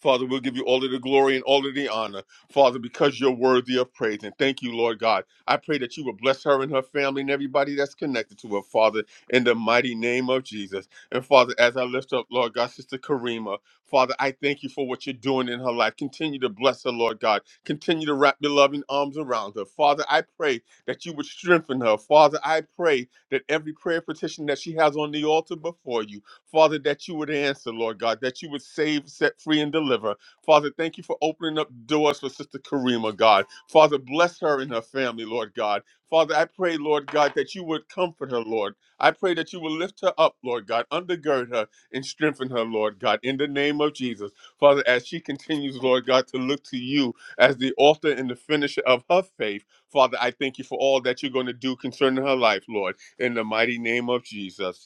[SPEAKER 1] Father, we'll give you all of the glory and all of the honor, Father, because you're worthy of praise. And thank you, Lord God. I pray that you will bless her and her family and everybody that's connected to her, Father, in the mighty name of Jesus. And Father, as I lift up, Lord God, Sister Karima, Father, I thank you for what you're doing in her life. Continue to bless her, Lord God. Continue to wrap your loving arms around her. Father, I pray that you would strengthen her. Father, I pray that every prayer petition that she has on the altar before you, Father, that you would answer, Lord God, that you would save, set free, and deliver. Father, thank you for opening up doors for Sister Karima, God. Father, bless her and her family, Lord God. Father, I pray, Lord God, that you would comfort her, Lord. I pray that you will lift her up, Lord God, undergird her and strengthen her, Lord God, in the name of Jesus. Father, as she continues, Lord God, to look to you as the author and the finisher of her faith, Father, I thank you for all that you're going to do concerning her life, Lord, in the mighty name of Jesus.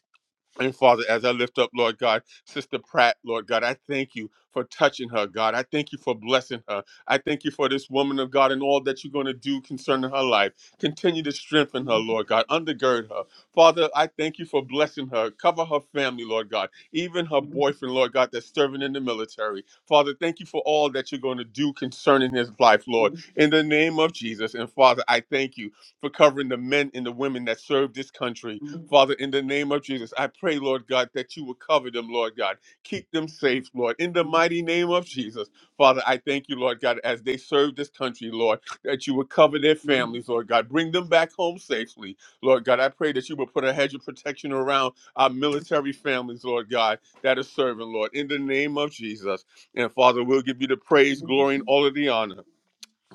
[SPEAKER 1] And Father, as I lift up, Lord God, Sister Pratt, Lord God, I thank you for touching her, God. I thank you for blessing her. I thank you for this woman of God and all that you're going to do concerning her life. Continue to strengthen her, Lord God. Undergird her. Father, I thank you for blessing her. Cover her family, Lord God. Even her boyfriend, Lord God, that's serving in the military. Father, thank you for all that you're going to do concerning his life, Lord. In the name of Jesus. And Father, I thank you for covering the men and the women that serve this country. Father, in the name of Jesus, I pray, Lord God, that you will cover them, Lord God. Keep them safe, Lord, in the mighty name of Jesus. Father, I thank you, Lord God, as they serve this country, Lord, that you will cover their families, Lord God. Bring them back home safely, Lord God. I pray that you will put a hedge of protection around our military families, Lord God, that are serving, Lord, in the name of Jesus. And Father, we'll give you the praise, glory, and all of the honor.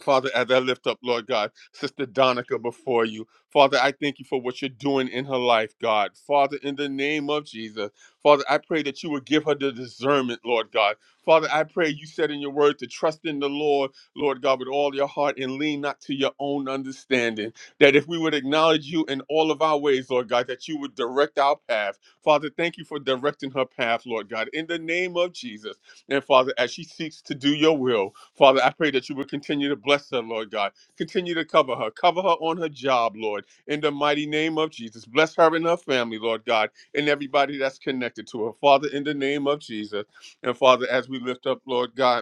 [SPEAKER 1] Father, as I lift up, Lord God, Sister Donica before you. Father, I thank you for what you're doing in her life, God. Father, in the name of Jesus, Father, I pray that you would give her the discernment, Lord God. Father, I pray you said in your word to trust in the Lord, Lord God, with all your heart and lean not to your own understanding. That if we would acknowledge you in all of our ways, Lord God, that you would direct our path. Father, thank you for directing her path, Lord God, in the name of Jesus. And Father, as she seeks to do your will, Father, I pray that you would continue to bless her, Lord God. Continue to cover her. Cover her on her job, Lord, in the mighty name of Jesus. Bless her and her family, Lord God, and everybody that's connected to her. Father, in the name of Jesus. And Father, as we lift up, Lord God,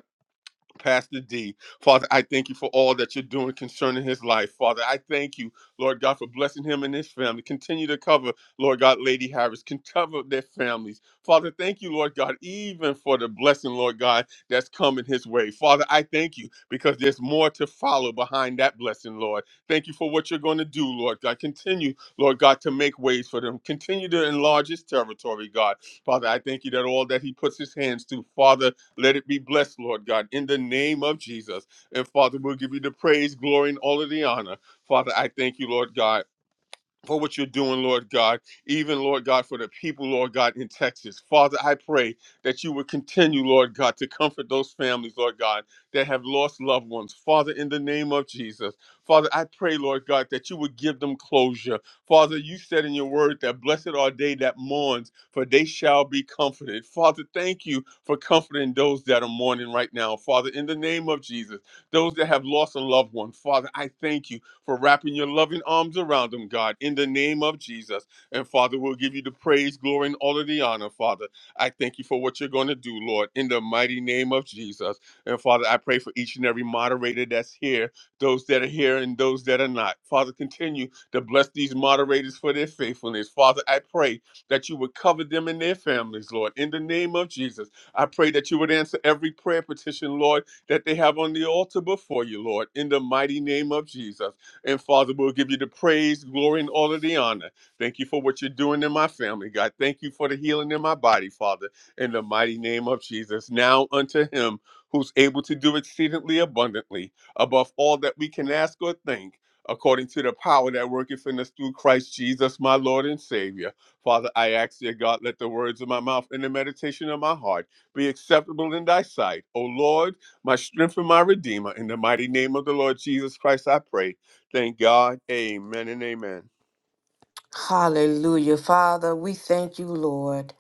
[SPEAKER 1] Pastor D. Father, I thank you for all that you're doing concerning his life. Father, I thank you, Lord God, for blessing him and his family. Continue to cover, Lord God, Lady Harris. Can cover their families. Father, thank you, Lord God, even for the blessing, Lord God, that's coming his way. Father, I thank you because there's more to follow behind that blessing, Lord. Thank you for what you're going to do, Lord God. Continue, Lord God, to make ways for them. Continue to enlarge his territory, God. Father, I thank you that all that he puts his hands to, Father, let it be blessed, Lord God, in the name of Jesus. And Father, we'll give you the praise, glory, and all of the honor. Father, I thank you, Lord God for what you're doing, Lord God, even, Lord God, for the people, Lord God, in Texas. Father, I pray that you would continue, Lord God, to comfort those families, Lord God, that have lost loved ones. Father, in the name of Jesus, Father, I pray, Lord God, that you would give them closure. Father, you said in your word that blessed are they that mourns, for they shall be comforted. Father, thank you for comforting those that are mourning right now. Father, in the name of Jesus, those that have lost a loved one, Father, I thank you for wrapping your loving arms around them, God, in the name of Jesus. And Father, we'll give you the praise, glory, and all of the honor, Father. I thank you for what you're going to do, Lord, in the mighty name of Jesus. And Father, I pray for each and every moderator that's here, those that are here and those that are not. Father, continue to bless these moderators for their faithfulness. Father, I pray that you would cover them and their families, Lord, in the name of Jesus. I pray that you would answer every prayer petition, Lord, that they have on the altar before you, Lord, in the mighty name of Jesus. And Father, we'll give you the praise, glory, and all of the honor. Thank you for what you're doing in my family, God. Thank you for the healing in my body, Father, in the mighty name of Jesus. Now unto him who's able to do exceedingly abundantly above all that we can ask or think. According to the power that worketh in us through Christ Jesus, my Lord and Savior. Father, I ask, dear God, let the words of my mouth and the meditation of my heart be acceptable in thy sight. O Lord, my strength and my redeemer. In the mighty name of the Lord Jesus Christ, I pray. Thank God. Amen and amen.
[SPEAKER 2] Hallelujah. Father, we thank you, Lord.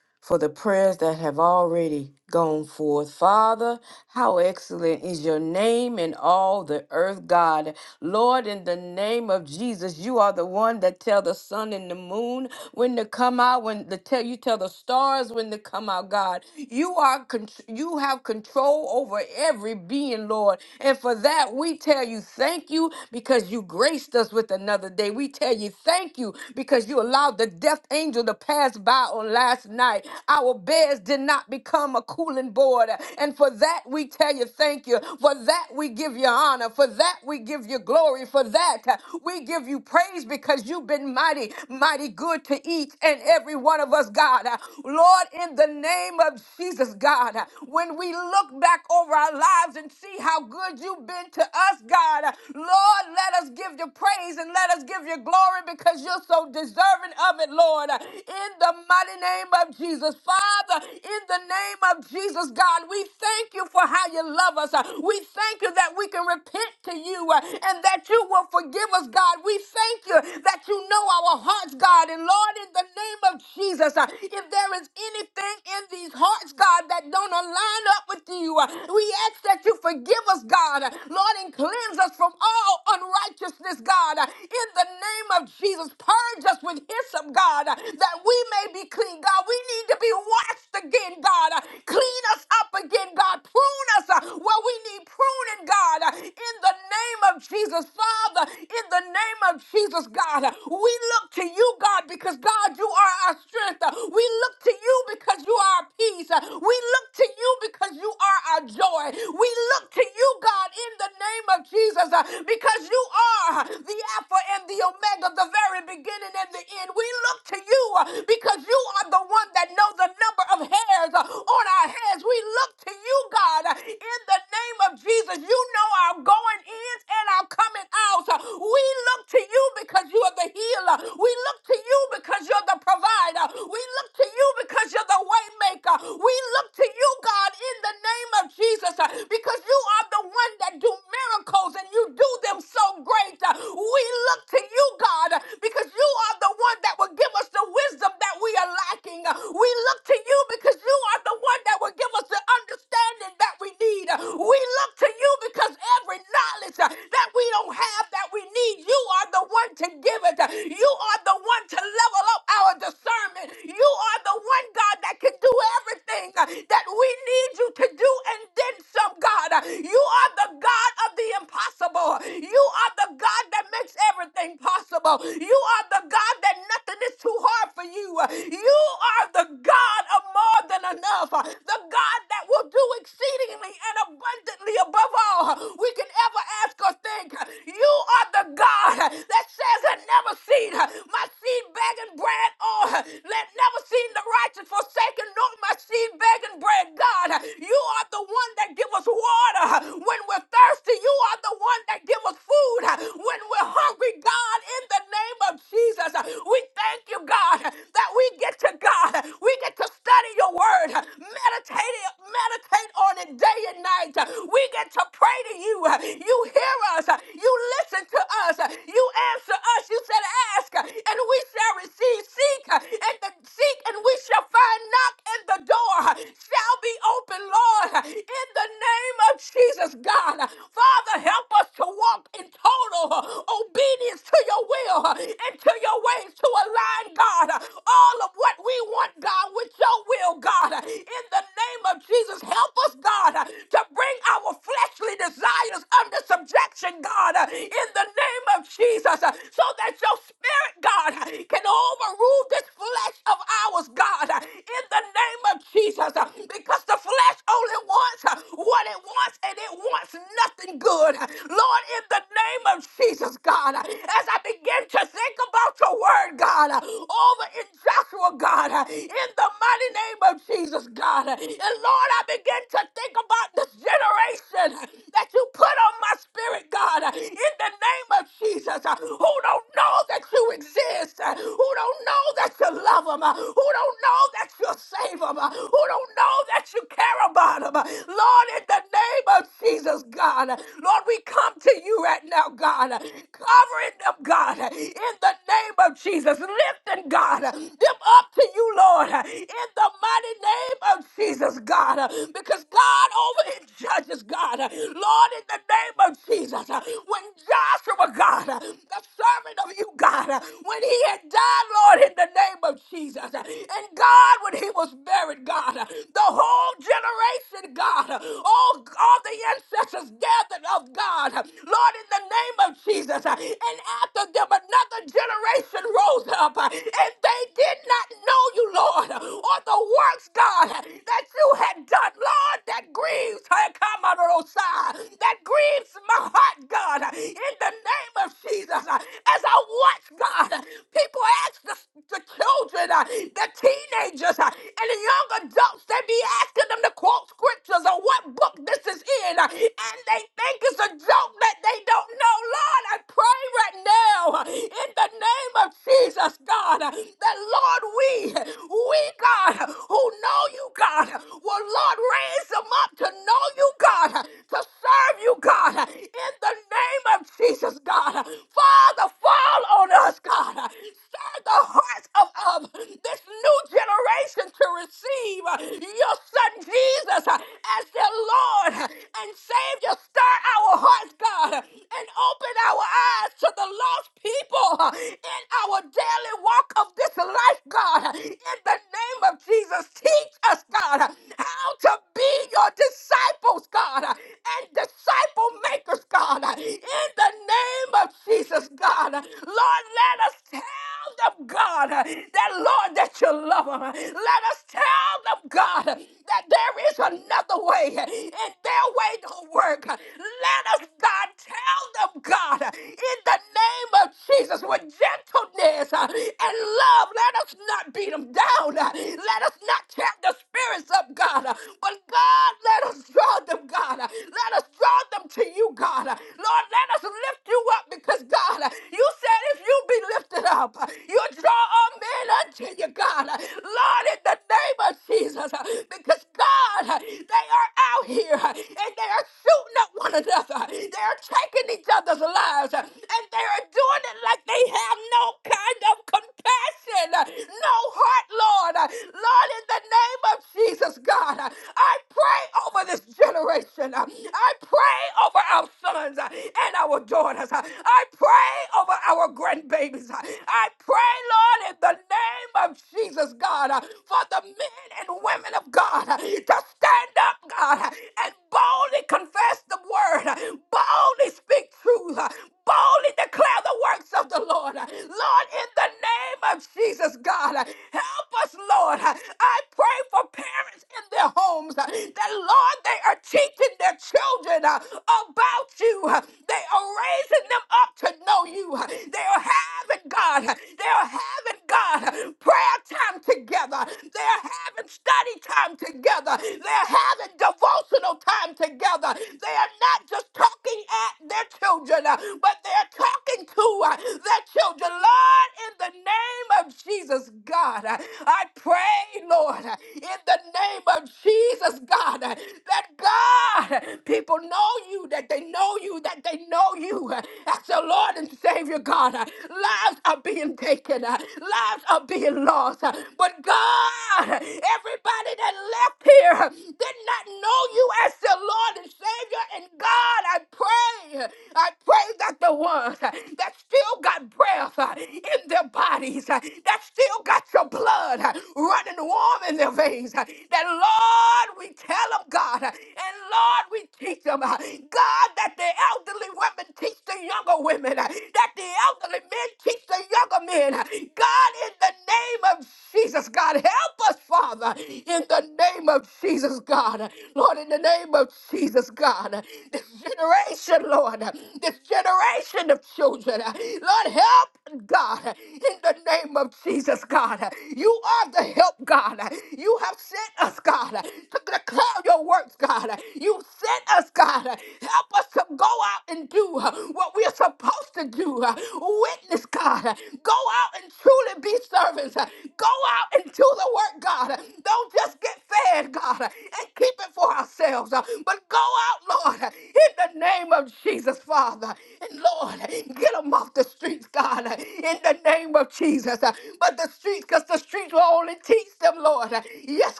[SPEAKER 2] for the prayers that have already gone forth. Father, how excellent is your name in all the earth, God. Lord, in the name of Jesus, you are the one that tell the sun and the moon when to come out, when to tell you tell the stars when to come out, God. You are con- you have control over every being, Lord. And for that, we tell you thank you because you graced us with another day. We tell you thank you because you allowed the death angel to pass by on last last night. Our beds did not become a cooling board. And for that, we tell you thank you. For that, we give you honor. For that, we give you glory. For that, uh, we give you praise because you've been mighty, mighty good to each and every one of us, God. Uh, Lord, in the name of Jesus, God, uh, when we look back over our lives and see how good you've been to us, God, uh, Lord, let us give you praise and let us give you glory because you're so deserving of it, Lord. Uh, In the mighty name of Jesus. Father, in the name of Jesus, God, we thank you for how you love us. Uh, We thank you that we can repent to you uh, and that you will forgive us, God. We thank you that you know our hearts, God. And Lord, in the name of Jesus, uh, if there is anything in these hearts, God, that don't align up with you, uh, we ask that you forgive us, God. Lord, and cleanse us from all unrighteousness, God. In the name of Jesus, purge us with hyssop ransom, God, uh, that we may be clean. God, we need to be washed again, God. uh, Clean us up again, God. Prune us uh, where we need pruning, God. uh, In the name of Jesus, Father, in the name of Jesus, God, uh, we look to you, God, because God, you are our strength. Uh, We look to you because you are our peace. Uh, We look to you because you are our joy. We look to you, God, in the name of Jesus, uh, because you are uh, the Alpha and the Omega, the very beginning and in the end. We look to you uh, because you are the one that knows the number of hairs uh, on our heads. We look to you, God, uh, in the name of Jesus. You know our going ins and our coming outs. Uh, We look to you because you are the healer. We look to you because you're the provider. We look to you because you're the way maker. We look to you, God, in the name of Jesus uh, because you are the one that do miracles and you do them so great. Uh, We look to you, God, uh, because you because you are the one that will give us the wisdom that we are lacking. We look to you because you are the one that will give us the understanding that we need. We look to you because every knowledge that we don't have that we need, you are the one to give it. You are the one to level up our discernment. You are the one, God, that can do everything that we need you to do and then some, God. You are the God of the impossible. You are the God that makes everything possible. You are the God that nothing is too hard for you. You are the God of more than enough, the God that will do exceedingly and abundantly above all we can ever ask or think. You are the God that says, I never seen my seed begging bread, or let never seen the righteous forsaken, nor my seed begging bread. God, you are the one that give us water when we're thirsty. You are the one that give us food when we're hungry hungry, God, in the name of Jesus. We thank you, God, that we get to God. We get to study your word, meditate it, meditate on it day and night. We get to pray to you. You hear us. You listen to us. You answer us. You said, ask, and we shall receive. Seek, and the seek, and we shall find. Knock, and the door shall be open, Lord. In the name of Jesus, God. Father, help us to walk in total total uh, obedience to your will uh, and to your ways to align, God, uh, all of what we want, God, with your will, God. Uh, In the name of Jesus, help us, God, uh, to bring our fleshly desires under subjection, God, uh, in the name of Jesus, uh, so that your spirit, God, uh, can overrule this flesh of ours, God, uh, in the name of Jesus, uh, because the flesh only wants uh, what it wants and it wants nothing nothing good. Lord, in the name of Jesus, God, as I begin to think about your word, God, over in Joshua, God, in the mighty name of Jesus, God. And Lord, I begin to think about this generation that you put on my spirit, God, in the name of Jesus, who don't know that you exist, who don't know that you love them, who don't know that you save them, who don't know that you care about them. Lord, in the name of Jesus, God, Lord, we come to you right now, God, covering them, God, in the name of Jesus, lifting, God, them up to you, Lord, in the mighty name of Jesus, God, because God over in Judges, God, Lord, in the name of Jesus, when Joshua, God, the servant of you, God when he had died, Lord, in the name of Jesus. And God, when he was buried, God, the whole generation, God, all, all the ancestors gathered of God, Lord, in the name of Jesus. And after them, another generation rose up, and they did not know you, Lord, or the works, God, that you had done, Lord, that grieves, that grieves my heart, God, in the name of Jesus, uh, as I watch, God, uh, people ask the, the children, uh, the teenagers, uh, and the young adults, they be asking them to quote scriptures or what book this is in, uh, and they think it's a joke that they don't know. Lord, I pray right now uh, in the name of Jesus, God, uh, that Lord, we we, God, who know you, God, will, Lord, raise them up to know you, God, to serve you, God, in the name of Jesus, God. Father, fall on us, God. Stir the hearts of, of this new generation to receive your son Jesus as their Lord and Savior. Stir our hearts, God, and open our eyes to the lost people in our daily walk of this life, God, in the name of Jesus, teach us, God, how to be your disciples, God, and disciple makers, God, in the name of Jesus, God. Lord, let us tell them, God, that, Lord, that you love them. Let us tell them, God, that there is another way, and their way don't work. Let us, God, tell them, God, in the name of Jesus, with gentleness uh, and love. Let us not beat them down. Uh, Let us not trap the spirits up, God. Uh, But God, let us draw them, God. Uh, Let us draw them to you, God. Uh, Lord, let us lift you up because, God, uh, you said if you be lifted up, you draw all men unto you, God. Uh, Lord, in the name of Jesus, uh, because, God, uh, they are out here uh, and they are shooting up one another. They are taking each other's lives uh, and they are doing it like they have no no kind of compassion, no heart, Lord. Lord, in the name of Jesus, God, I pray over this generation. I pray over our sons and our daughters. I pray over our grandbabies. I pray, Lord, in the name of Jesus, God, for the men and women of God to stand up, God, and boldly confess the word, boldly speak truth, boldly declare the works works of the Lord. Lord, in the name of Jesus, God, help us, Lord. I pray for parents in their homes that, Lord, they are teaching their children uh, about you. They are raising them up to know you. They are having, God, they are having, God, prayer time together. They are having study time together. They're having devotional time together together. They are not just talking at their children, uh, but they're talking to uh, their children. Lord, in the name of Jesus, God, uh, I pray, Lord, uh, in the name of Jesus, God, uh, that God, uh, people know you, that they know you, that they know you uh, as the Lord and Savior, God. uh, Lives are being taken, uh, lives are being lost. uh, But God, uh, everybody that left here uh, did not know you as the the Lord and Savior and God. I pray, I pray that the ones that still got breath in their bodies, that still got your blood running warm in their veins, that Lord, we tell them, God, and Lord, we teach them, God, that the elderly women teach the younger women, that the elderly men teach the younger men. God, in the name of Jesus, God, help us, Father, in the name of Jesus, God. Lord, in the name name of Jesus, God. This generation, Lord, this generation of children, Lord, help, God, in the name of Jesus, God. You are the help, God. You have sent us, God, to declare your works, God. You sent us, God. Help us to go out and do what we are supposed to do. Witness, God. Go out and truly be servants. Go out and do the work, God. Don't just get fed, God, and keep it for ourselves ourselves. uh, But go out, Lord, in the name of Jesus, Father. And Lord, get them off the streets, God, in the name of Jesus. uh, But the streets, because the streets will only teach them, Lord. Uh, Yes,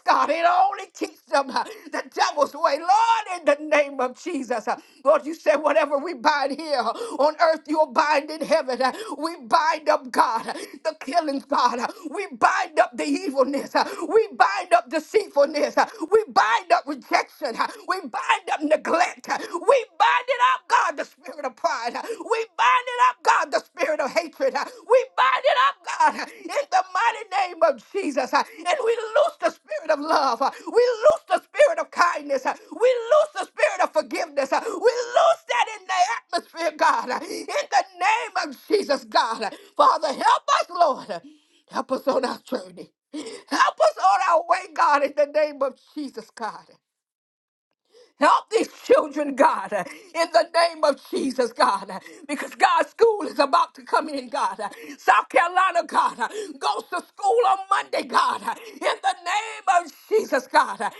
[SPEAKER 2] God, it only teach them uh, the devil's way. Lord, in the name of Jesus. uh, Lord, you said whatever we bind here uh, on earth, you'll bind in heaven. uh, We bind up, God, uh, the killings, God. uh, We bind up the evilness. uh, We bind up deceitfulness. uh, We bind up rejection rejection. We bind up neglect. We bind it up, God, the spirit of pride. We bind it up, God, the spirit of hatred. We bind it up, God, in the mighty name of Jesus. And we loose the spirit of love. We loose the spirit of kindness. We loose the spirit of forgiveness. We loose that in the atmosphere, God, in the name of Jesus, God. Father, help us, Lord. Help us on our journey. Help us on our way, God, in the name of Jesus, God. Help these children, God, in the name of Jesus, God, because God's school is about to come in, God. South Carolina, God, goes to school on Monday, God, in the name of Jesus, God. And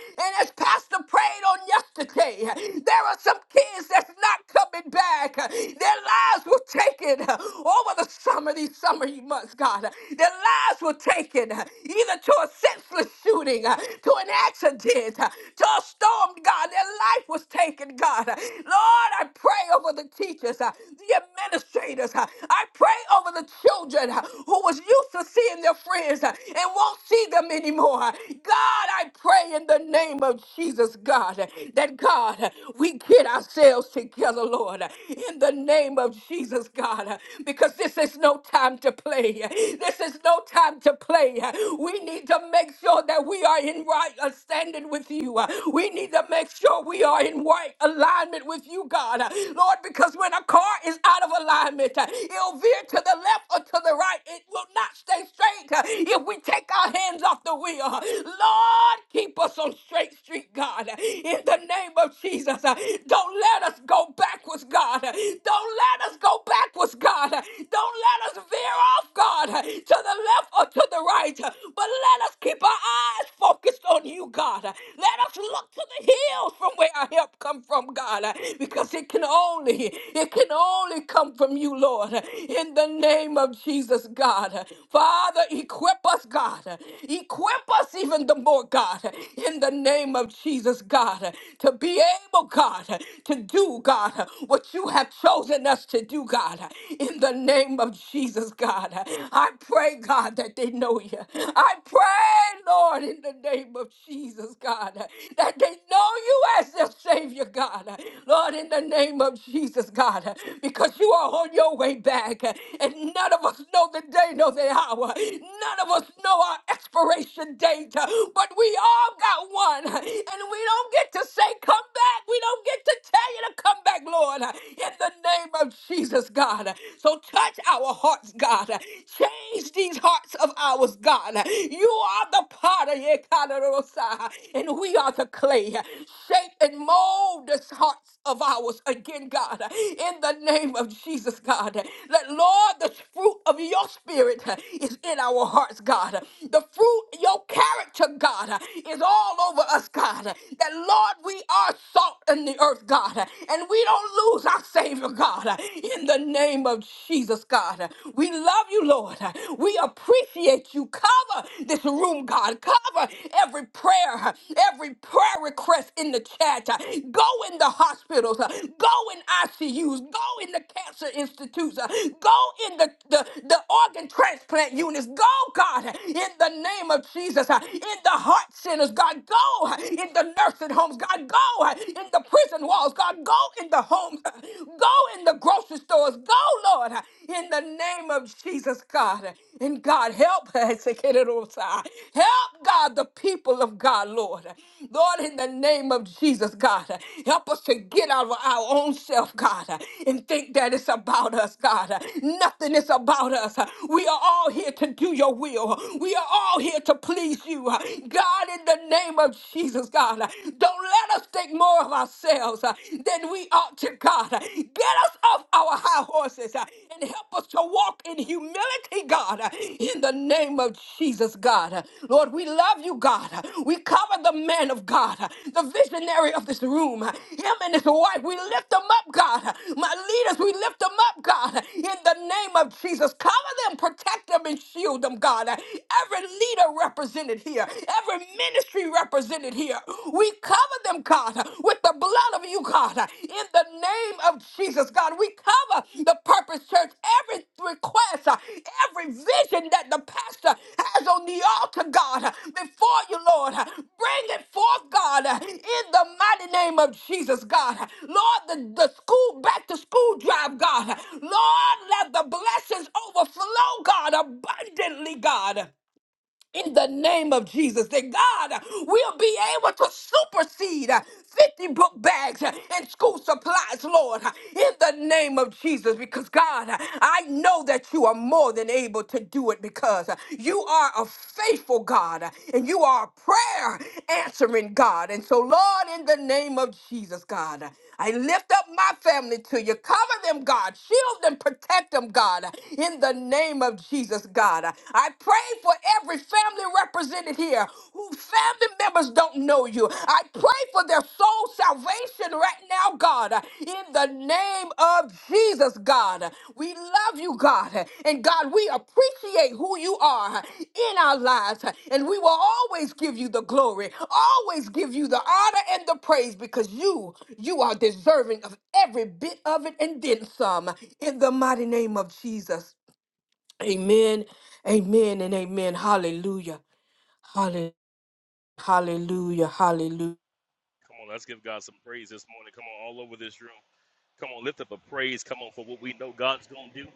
[SPEAKER 2] as Pastor prayed on yesterday, there are some kids that's not coming back. Their lives were taken over the summer, these summer months, God. Their lives were taken either to a senseless shooting, to an accident, did uh, to a storm, God. Their life was taken, God. Uh, Lord, I pray over the teachers, uh, the administrators. uh, I pray over the children uh, who was used to seeing their friends uh, and won't see them anymore. God, I pray in the name of Jesus, God, uh, that God, uh, we get ourselves together, Lord, uh, in the name of Jesus, God, uh, because this is no time to play. This is no time to play. We need to make sure sure that we are in right uh, standing with you. Uh, We need to make sure we are in right alignment with you, God. Uh, Lord, because when a car is out of alignment, uh, it'll veer to the left or to the right. It will not stay straight uh, if we take our hands off the wheel. Uh, Lord, keep us on straight street, God. Uh, In the name of Jesus, uh, don't let us go backwards, God. Uh, Don't let us go backwards, God. Uh, Don't let us veer off, God, uh, to the left or to the right, but let us keep our eyes focused on you, God. Let us look to the hills from where our help come from, God, because it can only, it can only come from you, Lord. In the name of Jesus, God. Father, equip us, God. Equip us even the more, God. In the name of Jesus, God, to be able, God, to do, God, what you have chosen us to do, God. In the name of Jesus, God. I pray, God, that they know you. I pray, Lord, in the name of Jesus, God, that they know you as their Savior, God. Lord, in the name of Jesus, God, because you are on your way back, and none of us know the day, know the hour. None of us know our expiration date, but we all got one, and we don't get to say, Come back. We don't get to tell you to come back, Lord, in the name of Jesus, God. God. So touch our hearts, God. Change these hearts of ours, God. You are the potter, yeah, God, and we are the clay. Shape and mold these hearts of ours again, God. In the name of Jesus, God. Let, Lord, the fruit of your spirit is in our hearts, God. The fruit, your character, God, is all over us, God. That, Lord, we are salt in the earth, God. And we don't lose lose our Savior, God, uh, in the name of Jesus, God. Uh, We love you, Lord. Uh, We appreciate you. Cover this room, God. Cover every prayer, uh, every prayer request in the chat. Uh, Go in the hospitals. uh, Go in ICUs. Go in the cancer institutes. uh, Go in the, the, the organ transplant units. Go, God, uh, in the name of Jesus. uh, In the heart centers, God. Go uh, in the nursing homes, God. Go uh, in the the prison walls, God. Go in the homes, *laughs* *clears throat* go in the grocery stores, go, Lord, in the name of Jesus, God. And God, help *laughs* us, help God, the people of God, Lord. Lord, in the name of Jesus, God, help us to get out of our own self, God, and think that it's about us, God. Nothing is about us. We are all here to do your will, we are all here to please you, God, in the name of Jesus. God. God. Don't let us think more of ourselves uh, than we ought to, God. Get us off our high horses uh, and help us to walk in humility, God, uh, in the name of Jesus, God. Uh, Lord, we love you, God. Uh, We cover the man of God, uh, the visionary of this room, uh, him and his wife. We lift them up, God. Uh, My leaders, we lift them up, God, uh, in the name of Jesus. Cover them, protect them, and shield them, God. Uh, Every leader represented here, every ministry represented here. We cover them, God, with the blood of you, God, in the name of Jesus, God. We cover the Purpose Church, every request, uh, every vision that the pastor has on the altar, God, uh, before you, Lord. Uh, Bring it forth, God, uh, in the mighty name of Jesus, God. Uh, Lord, the, the school, back to school drive, God. Uh, Lord, let the blessings overflow, God, abundantly, God in the name of Jesus that God will be able to supersede uh, 50 book bags uh, and school supplies, Lord, uh, in the name of Jesus, because God, uh, I know that you are more than able to do it because uh, you are a faithful God uh, and you are a prayer answering God. And so, Lord, in the name of Jesus, God, uh, I lift up my family to you. Cover them, God. Shield them, protect them, God, in the name of Jesus, God. God. I pray for every family represented here whose family members don't know you. I pray for their soul salvation right now, God, in the name of Jesus, God. We love you, God. And God, we appreciate who you are in our lives. And we will always give you the glory, always give you the honor and the praise because you, you are deserving of every bit of it and then some. In the mighty name of Jesus. Amen. Amen and amen. Hallelujah. Hallelujah. Hallelujah. Hallelujah.
[SPEAKER 3] Come on, let's give God some praise this morning. Come on, all over this room. Come on, lift up a praise. Come on, for what we know God's going to do.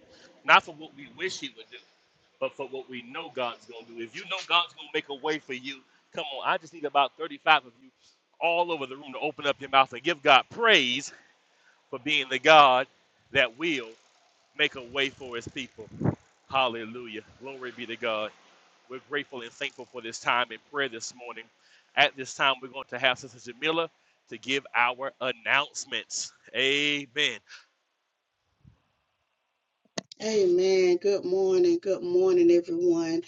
[SPEAKER 3] Not for what we wish He would do, but for what we know God's going to do. If you know God's going to make a way for you, come on. I just need about 35 of you all over the room to open up your mouth and give God praise for being the God that will make a way for his people. Hallelujah. Glory be to God. We're grateful and thankful for this time in prayer this morning. At this time, we're going to have Sister Jamila to give our announcements. Amen.
[SPEAKER 8] Amen. Good morning. Good morning, everyone.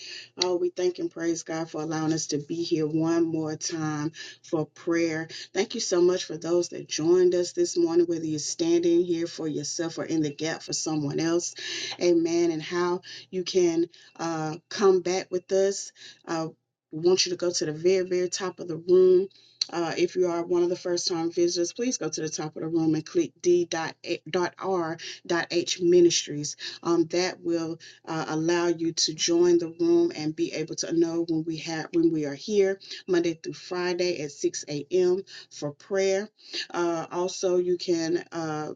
[SPEAKER 8] Oh, we thank and praise God for allowing us to be here one more time for prayer. Thank you so much for those that joined us this morning, whether you're standing here for yourself or in the gap for someone else. Amen. And how you can uh, come back with us. Uh, we want you to go to the very, very top of the room. Uh, if you are one of the first time visitors, please go to the top of the room and click D. Dot Dot R. dot H ministries um, that will uh, allow you to join the room and be able to know when we have when we are here Monday through Friday at 6 a.m. for prayer. Uh, also, you can uh,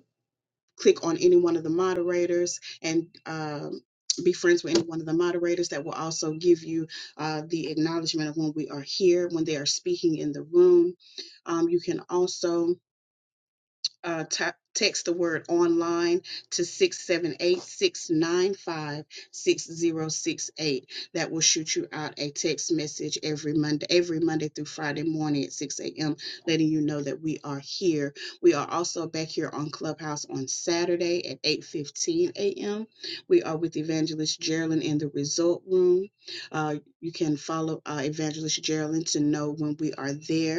[SPEAKER 8] click on any one of the moderators and. Um, be friends with any one of the moderators that will also give you uh, the acknowledgement of when we are here, when they are speaking in the room. Um, you can also uh, ta- text the word online to 6786956068. That will shoot you out a text message every Monday, every Monday through Friday morning at 6 a.m., letting you know that we are here. We are also back here on Clubhouse on Saturday at 8:15 a.m. We are with Evangelist Geraldine in the Result Room. Uh, you can follow uh, Evangelist Geraldine to know when we are there.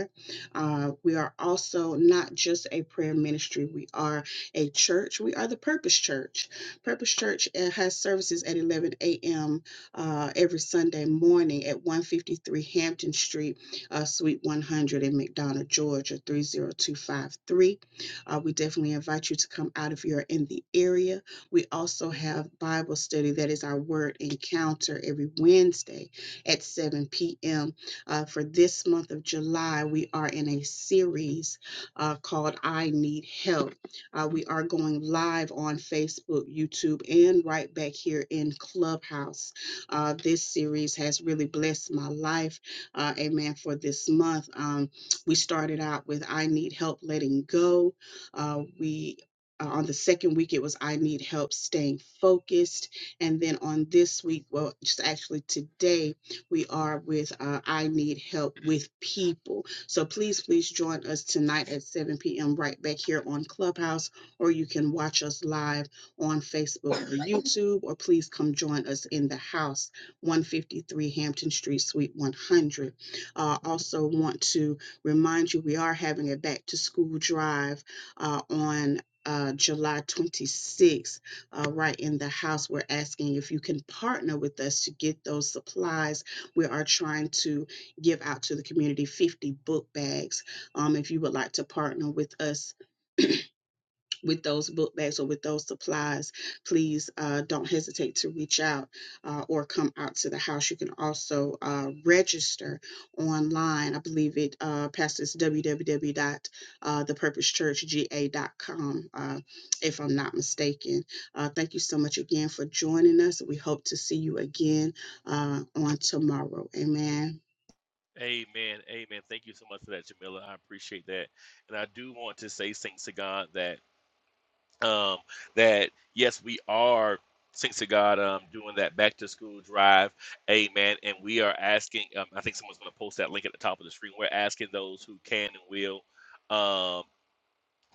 [SPEAKER 8] Uh, we are also not just a prayer ministry, we are a church. We are the Purpose Church. Purpose Church uh, has services at 11 a.m. Uh, every Sunday morning at 153 Hampton Street, uh, Suite 100 in McDonough, Georgia, 30253. Uh, we definitely invite you to come out if you're in the area. We also have Bible study that is our word encounter every Wednesday at 7 p.m uh, for this month of July, we are in a series uh, called I Need Help. Uh, we are going live on Facebook, YouTube, and right back here in Clubhouse. Uh, this series has really blessed my life. Uh, amen. For this month, um, we started out with I Need Help Letting Go. Uh, we uh, on the second week, it was I Need Help Staying Focused. And then on this week, well, just actually today, we are with uh, I Need Help with People. So please, please join us tonight at 7 p.m. right back here on Clubhouse, or you can watch us live on Facebook or YouTube, or please come join us in the house, 153 Hampton Street, Suite 100. Uh, also, want to remind you we are having a back to school drive uh, on. Uh, July 26th, uh, right in the house. We're asking if you can partner with us to get those supplies we are trying to give out to the community 50 book bags. Um, if you would like to partner with us with those book bags or with those supplies, please uh, don't hesitate to reach out uh, or come out to the house. You can also uh, register online. I believe it, uh, Pastor's www.thepurposechurchga.com, uh, if I'm not mistaken. Uh, thank you so much again for joining us. We hope to see you again uh, on tomorrow. Amen.
[SPEAKER 3] Amen. Amen. Thank you so much for that, Jamila. I appreciate that. And I do want to say thanks to God that um, that yes, we are thanks to God um, doing that back to school drive, amen. And we are asking. Um, I think someone's going to post that link at the top of the screen. We're asking those who can and will. um,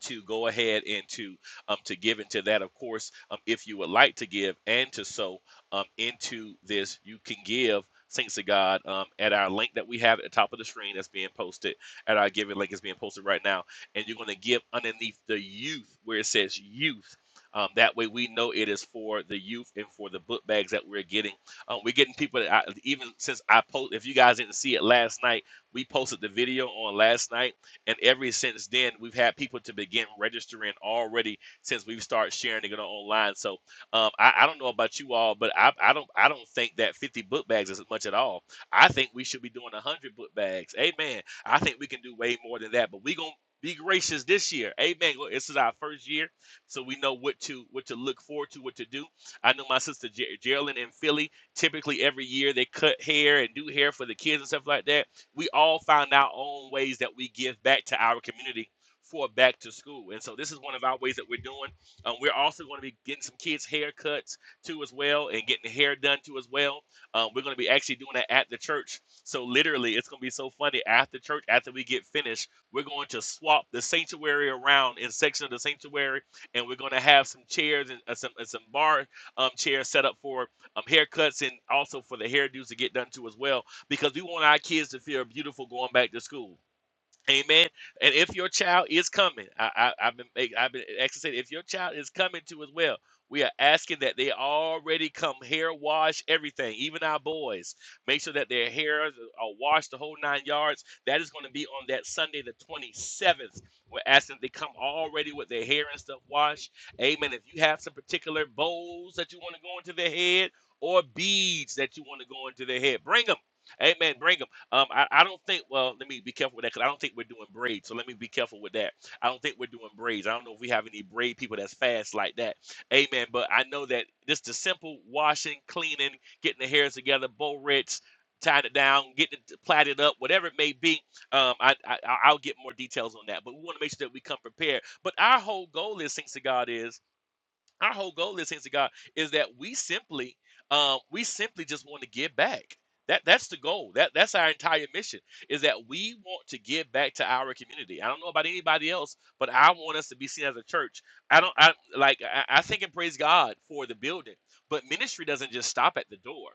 [SPEAKER 3] to go ahead and to um, to give into that. Of course, um, if you would like to give and to sow um, into this, you can give. Thanks to God um, at our link that we have at the top of the screen that's being posted at our giving link is being posted right now, and you're going to give underneath the youth where it says youth. Um, that way, we know it is for the youth and for the book bags that we're getting. Um, we're getting people that I, even since I post. If you guys didn't see it last night, we posted the video on last night and every since then, we've had people to begin registering already since we've started sharing it online. So um, I, I don't know about you all, but I, I don't I don't think that 50 book bags is much at all. I think we should be doing 100 book bags. Amen. I think we can do way more than that, but we're going to be gracious this year. Amen. Look, This is our first year, so we know what to what to look forward to, what to do. I know my sister Ge- Geraldine in Philly, typically every year they cut hair and do hair for the kids and stuff like that we all find our own ways that we give back to our community for back to school. And so this is one of our ways that we're doing. Um, we're also going to be getting some kids' haircuts too as well and getting the hair done too as well. Um, we're going to be actually doing that at the church. So literally, it's going to be so funny. After church, after we get finished, we're going to swap the sanctuary around in section of the sanctuary, and we're going to have some chairs and uh, some and some bar um, chairs set up for um, haircuts and also for the hairdos to get done too as well because we want our kids to feel beautiful going back to school. Amen. And if your child is coming, I, I, I've been make- I've been exercising. If your child is coming to as well, we are asking that they already come hair wash everything, even our boys. Make sure that their hair are washed the whole nine yards. That is going to be on that Sunday, the 27th. We're asking that they come already with their hair and stuff washed. Amen. If you have some particular bowls that you want to go into their head or beads that you want to go into their head, bring them. Amen. Bring 'em. Um, I, I don't think. Well, let me be careful with that because I don't think we're doing braids. So let me be careful with that. I don't think we're doing braids. I don't know if we have any braid people that's fast like that. Amen. But I know that just the simple washing, cleaning, getting the hairs together, bow rich, tying it down, getting it plaited up, whatever it may be. Um, I, I I- I'll get more details on that. But we want to make sure that we come prepared. But our whole goal is, thanks to God, is our whole goal is, saints of God, is that we simply, um, we simply just want to give back. That that's the goal. That that's our entire mission is that we want to give back to our community. I don't know about anybody else, but I want us to be seen as a church. I don't. I like. I, I think and praise God for the building, but ministry doesn't just stop at the door.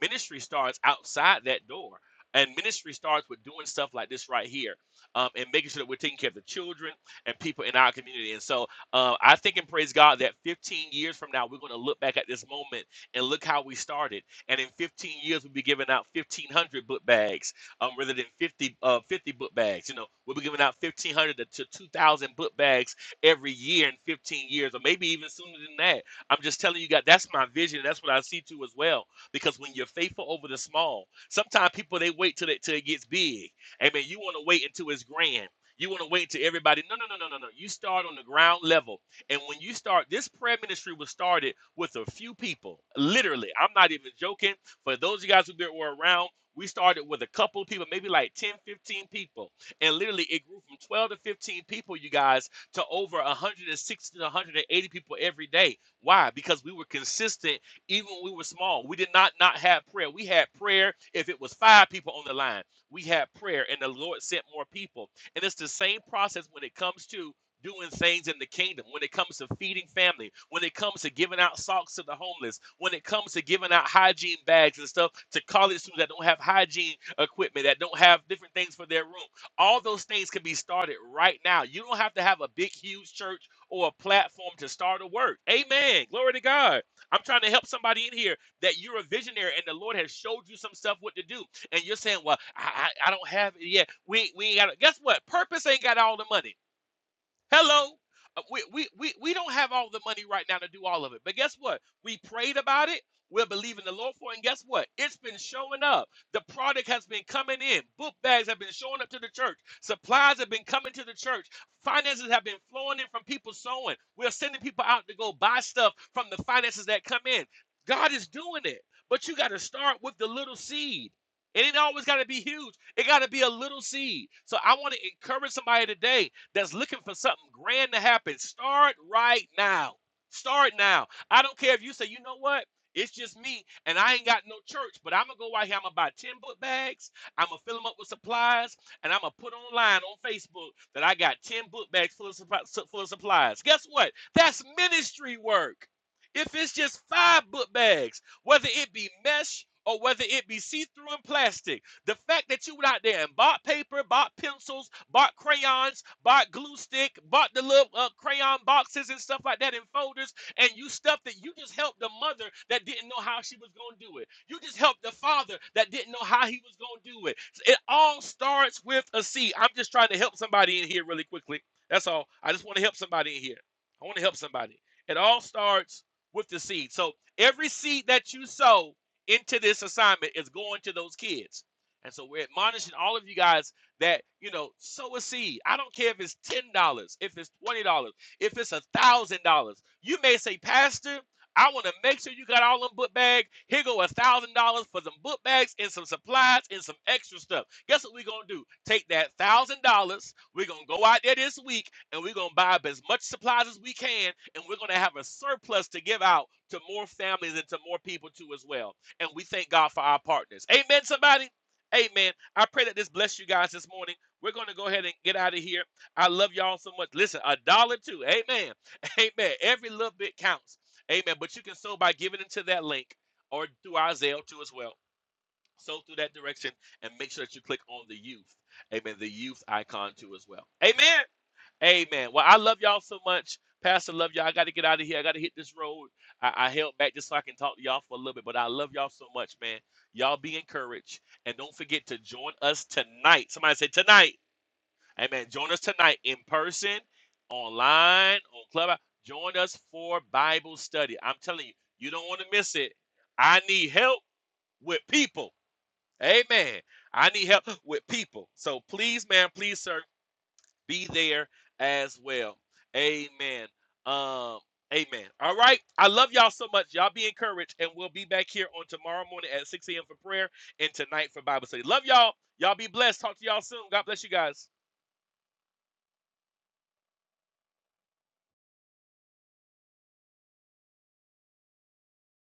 [SPEAKER 3] Ministry starts outside that door. And ministry starts with doing stuff like this right here, um, and making sure that we're taking care of the children and people in our community. And so, uh, I think and praise God that 15 years from now, we're going to look back at this moment and look how we started. And in 15 years, we'll be giving out 1,500 book bags um, rather than 50, uh, 50 book bags. You know, we'll be giving out 1,500 to 2,000 book bags every year in 15 years, or maybe even sooner than that. I'm just telling you, God, that's my vision. That's what I see too as well. Because when you're faithful over the small, sometimes people they wait till it till it gets big. Amen. You want to wait until it's grand. You want to wait till everybody. No, no, no, no, no, no. You start on the ground level. And when you start, this prayer ministry was started with a few people. Literally, I'm not even joking. For those of you guys who were around, we started with a couple of people, maybe like 10, 15 people. And literally, it grew from 12 to 15 people, you guys, to over 160 to 180 people every day. Why? Because we were consistent even when we were small. We did not not have prayer. We had prayer if it was five people on the line. We had prayer, and the Lord sent more people and it's the same process when it comes to doing things in the kingdom, when it comes to feeding family, when it comes to giving out socks to the homeless, when it comes to giving out hygiene bags and stuff to college students that don't have hygiene equipment, that don't have different things for their room. All those things can be started right now. You don't have to have a big, huge church or a platform to start a work. Amen. Glory to God. I'm trying to help somebody in here that you're a visionary and the Lord has showed you some stuff what to do and you're saying, "Well, I, I don't have it yet." We we ain't got. Guess what? Purpose ain't got all the money. Hello. Uh, We, we, we, we don't have all the money right now to do all of it. But guess what? We prayed about it. We're believing the Lord for it. And guess what? It's been showing up. The product has been coming in. Book bags have been showing up to the church. Supplies have been coming to the church. Finances have been flowing in from people sowing. We're sending people out to go buy stuff from the finances that come in. God is doing it. But you got to start with the little seed. It ain't always got to be huge. It got to be a little seed. So I want to encourage somebody today that's looking for something grand to happen, start right now. Start now. I don't care if you say, you know what? It's just me, and I ain't got no church, but I'm gonna go out here. I'm gonna buy 10 book bags. I'm gonna fill them up with supplies, and I'm gonna put online on Facebook that I got 10 book bags full of, full of supplies. Guess what? That's ministry work. If it's just five book bags, whether it be mesh or whether it be see through and plastic, the fact that you went out there and bought paper, bought pencils, bought crayons, bought glue stick, bought the little uh, crayon boxes and stuff like that in folders, and you stuff that you just helped the mother that didn't know how she was going to do it. You just helped the father that didn't know how he was going to do it. It all starts with a seed. I'm just trying to help somebody in here really quickly. That's all. I just want to help somebody in here. I want to help somebody. It all starts with the seed. So every seed that you sow into this assignment is going to those kids. And so we're admonishing all of you guys that, you know, sow a seed. I don't care if it's $10, if it's $20, if it's $1,000. You may say, Pastor, I want to make sure you got all them book bags. Here go $1,000 for some book bags and some supplies and some extra stuff. Guess what we're going to do? Take that $1,000. We're going to go out there this week and we're going to buy up as much supplies as we can. And we're going to have a surplus to give out to more families and to more people too as well. And we thank God for our partners. Amen, somebody. Amen. I pray that this bless you guys this morning. We're going to go ahead and get out of here. I love y'all so much. Listen, a dollar too. Amen. *laughs* Amen. Every little bit counts. Amen. But you can sow by giving into that link or through our Zelle too as well. Sow through that direction and make sure that you click on the youth. Amen. The youth icon too as well. Amen. Amen. Well, I love y'all so much. Pastor, love y'all. I got to get out of here. I got to hit this road. I, I held back just so I can talk to y'all for a little bit, but I love y'all so much, man. Y'all be encouraged. And don't forget to join us tonight. Somebody say tonight. Amen. Join us tonight in person, online, on Clubhouse. Join us for Bible study. I'm telling you, you don't want to miss it. I need help with people. Amen. I need help with people. So please, man, please, sir be there as well. Amen. Um, amen. All right. I love y'all so much. Y'all be encouraged, and we'll be back here on tomorrow morning at 6 a.m. for prayer and tonight for Bible study. Love y'all. Y'all be blessed. Talk to y'all soon. God bless you guys.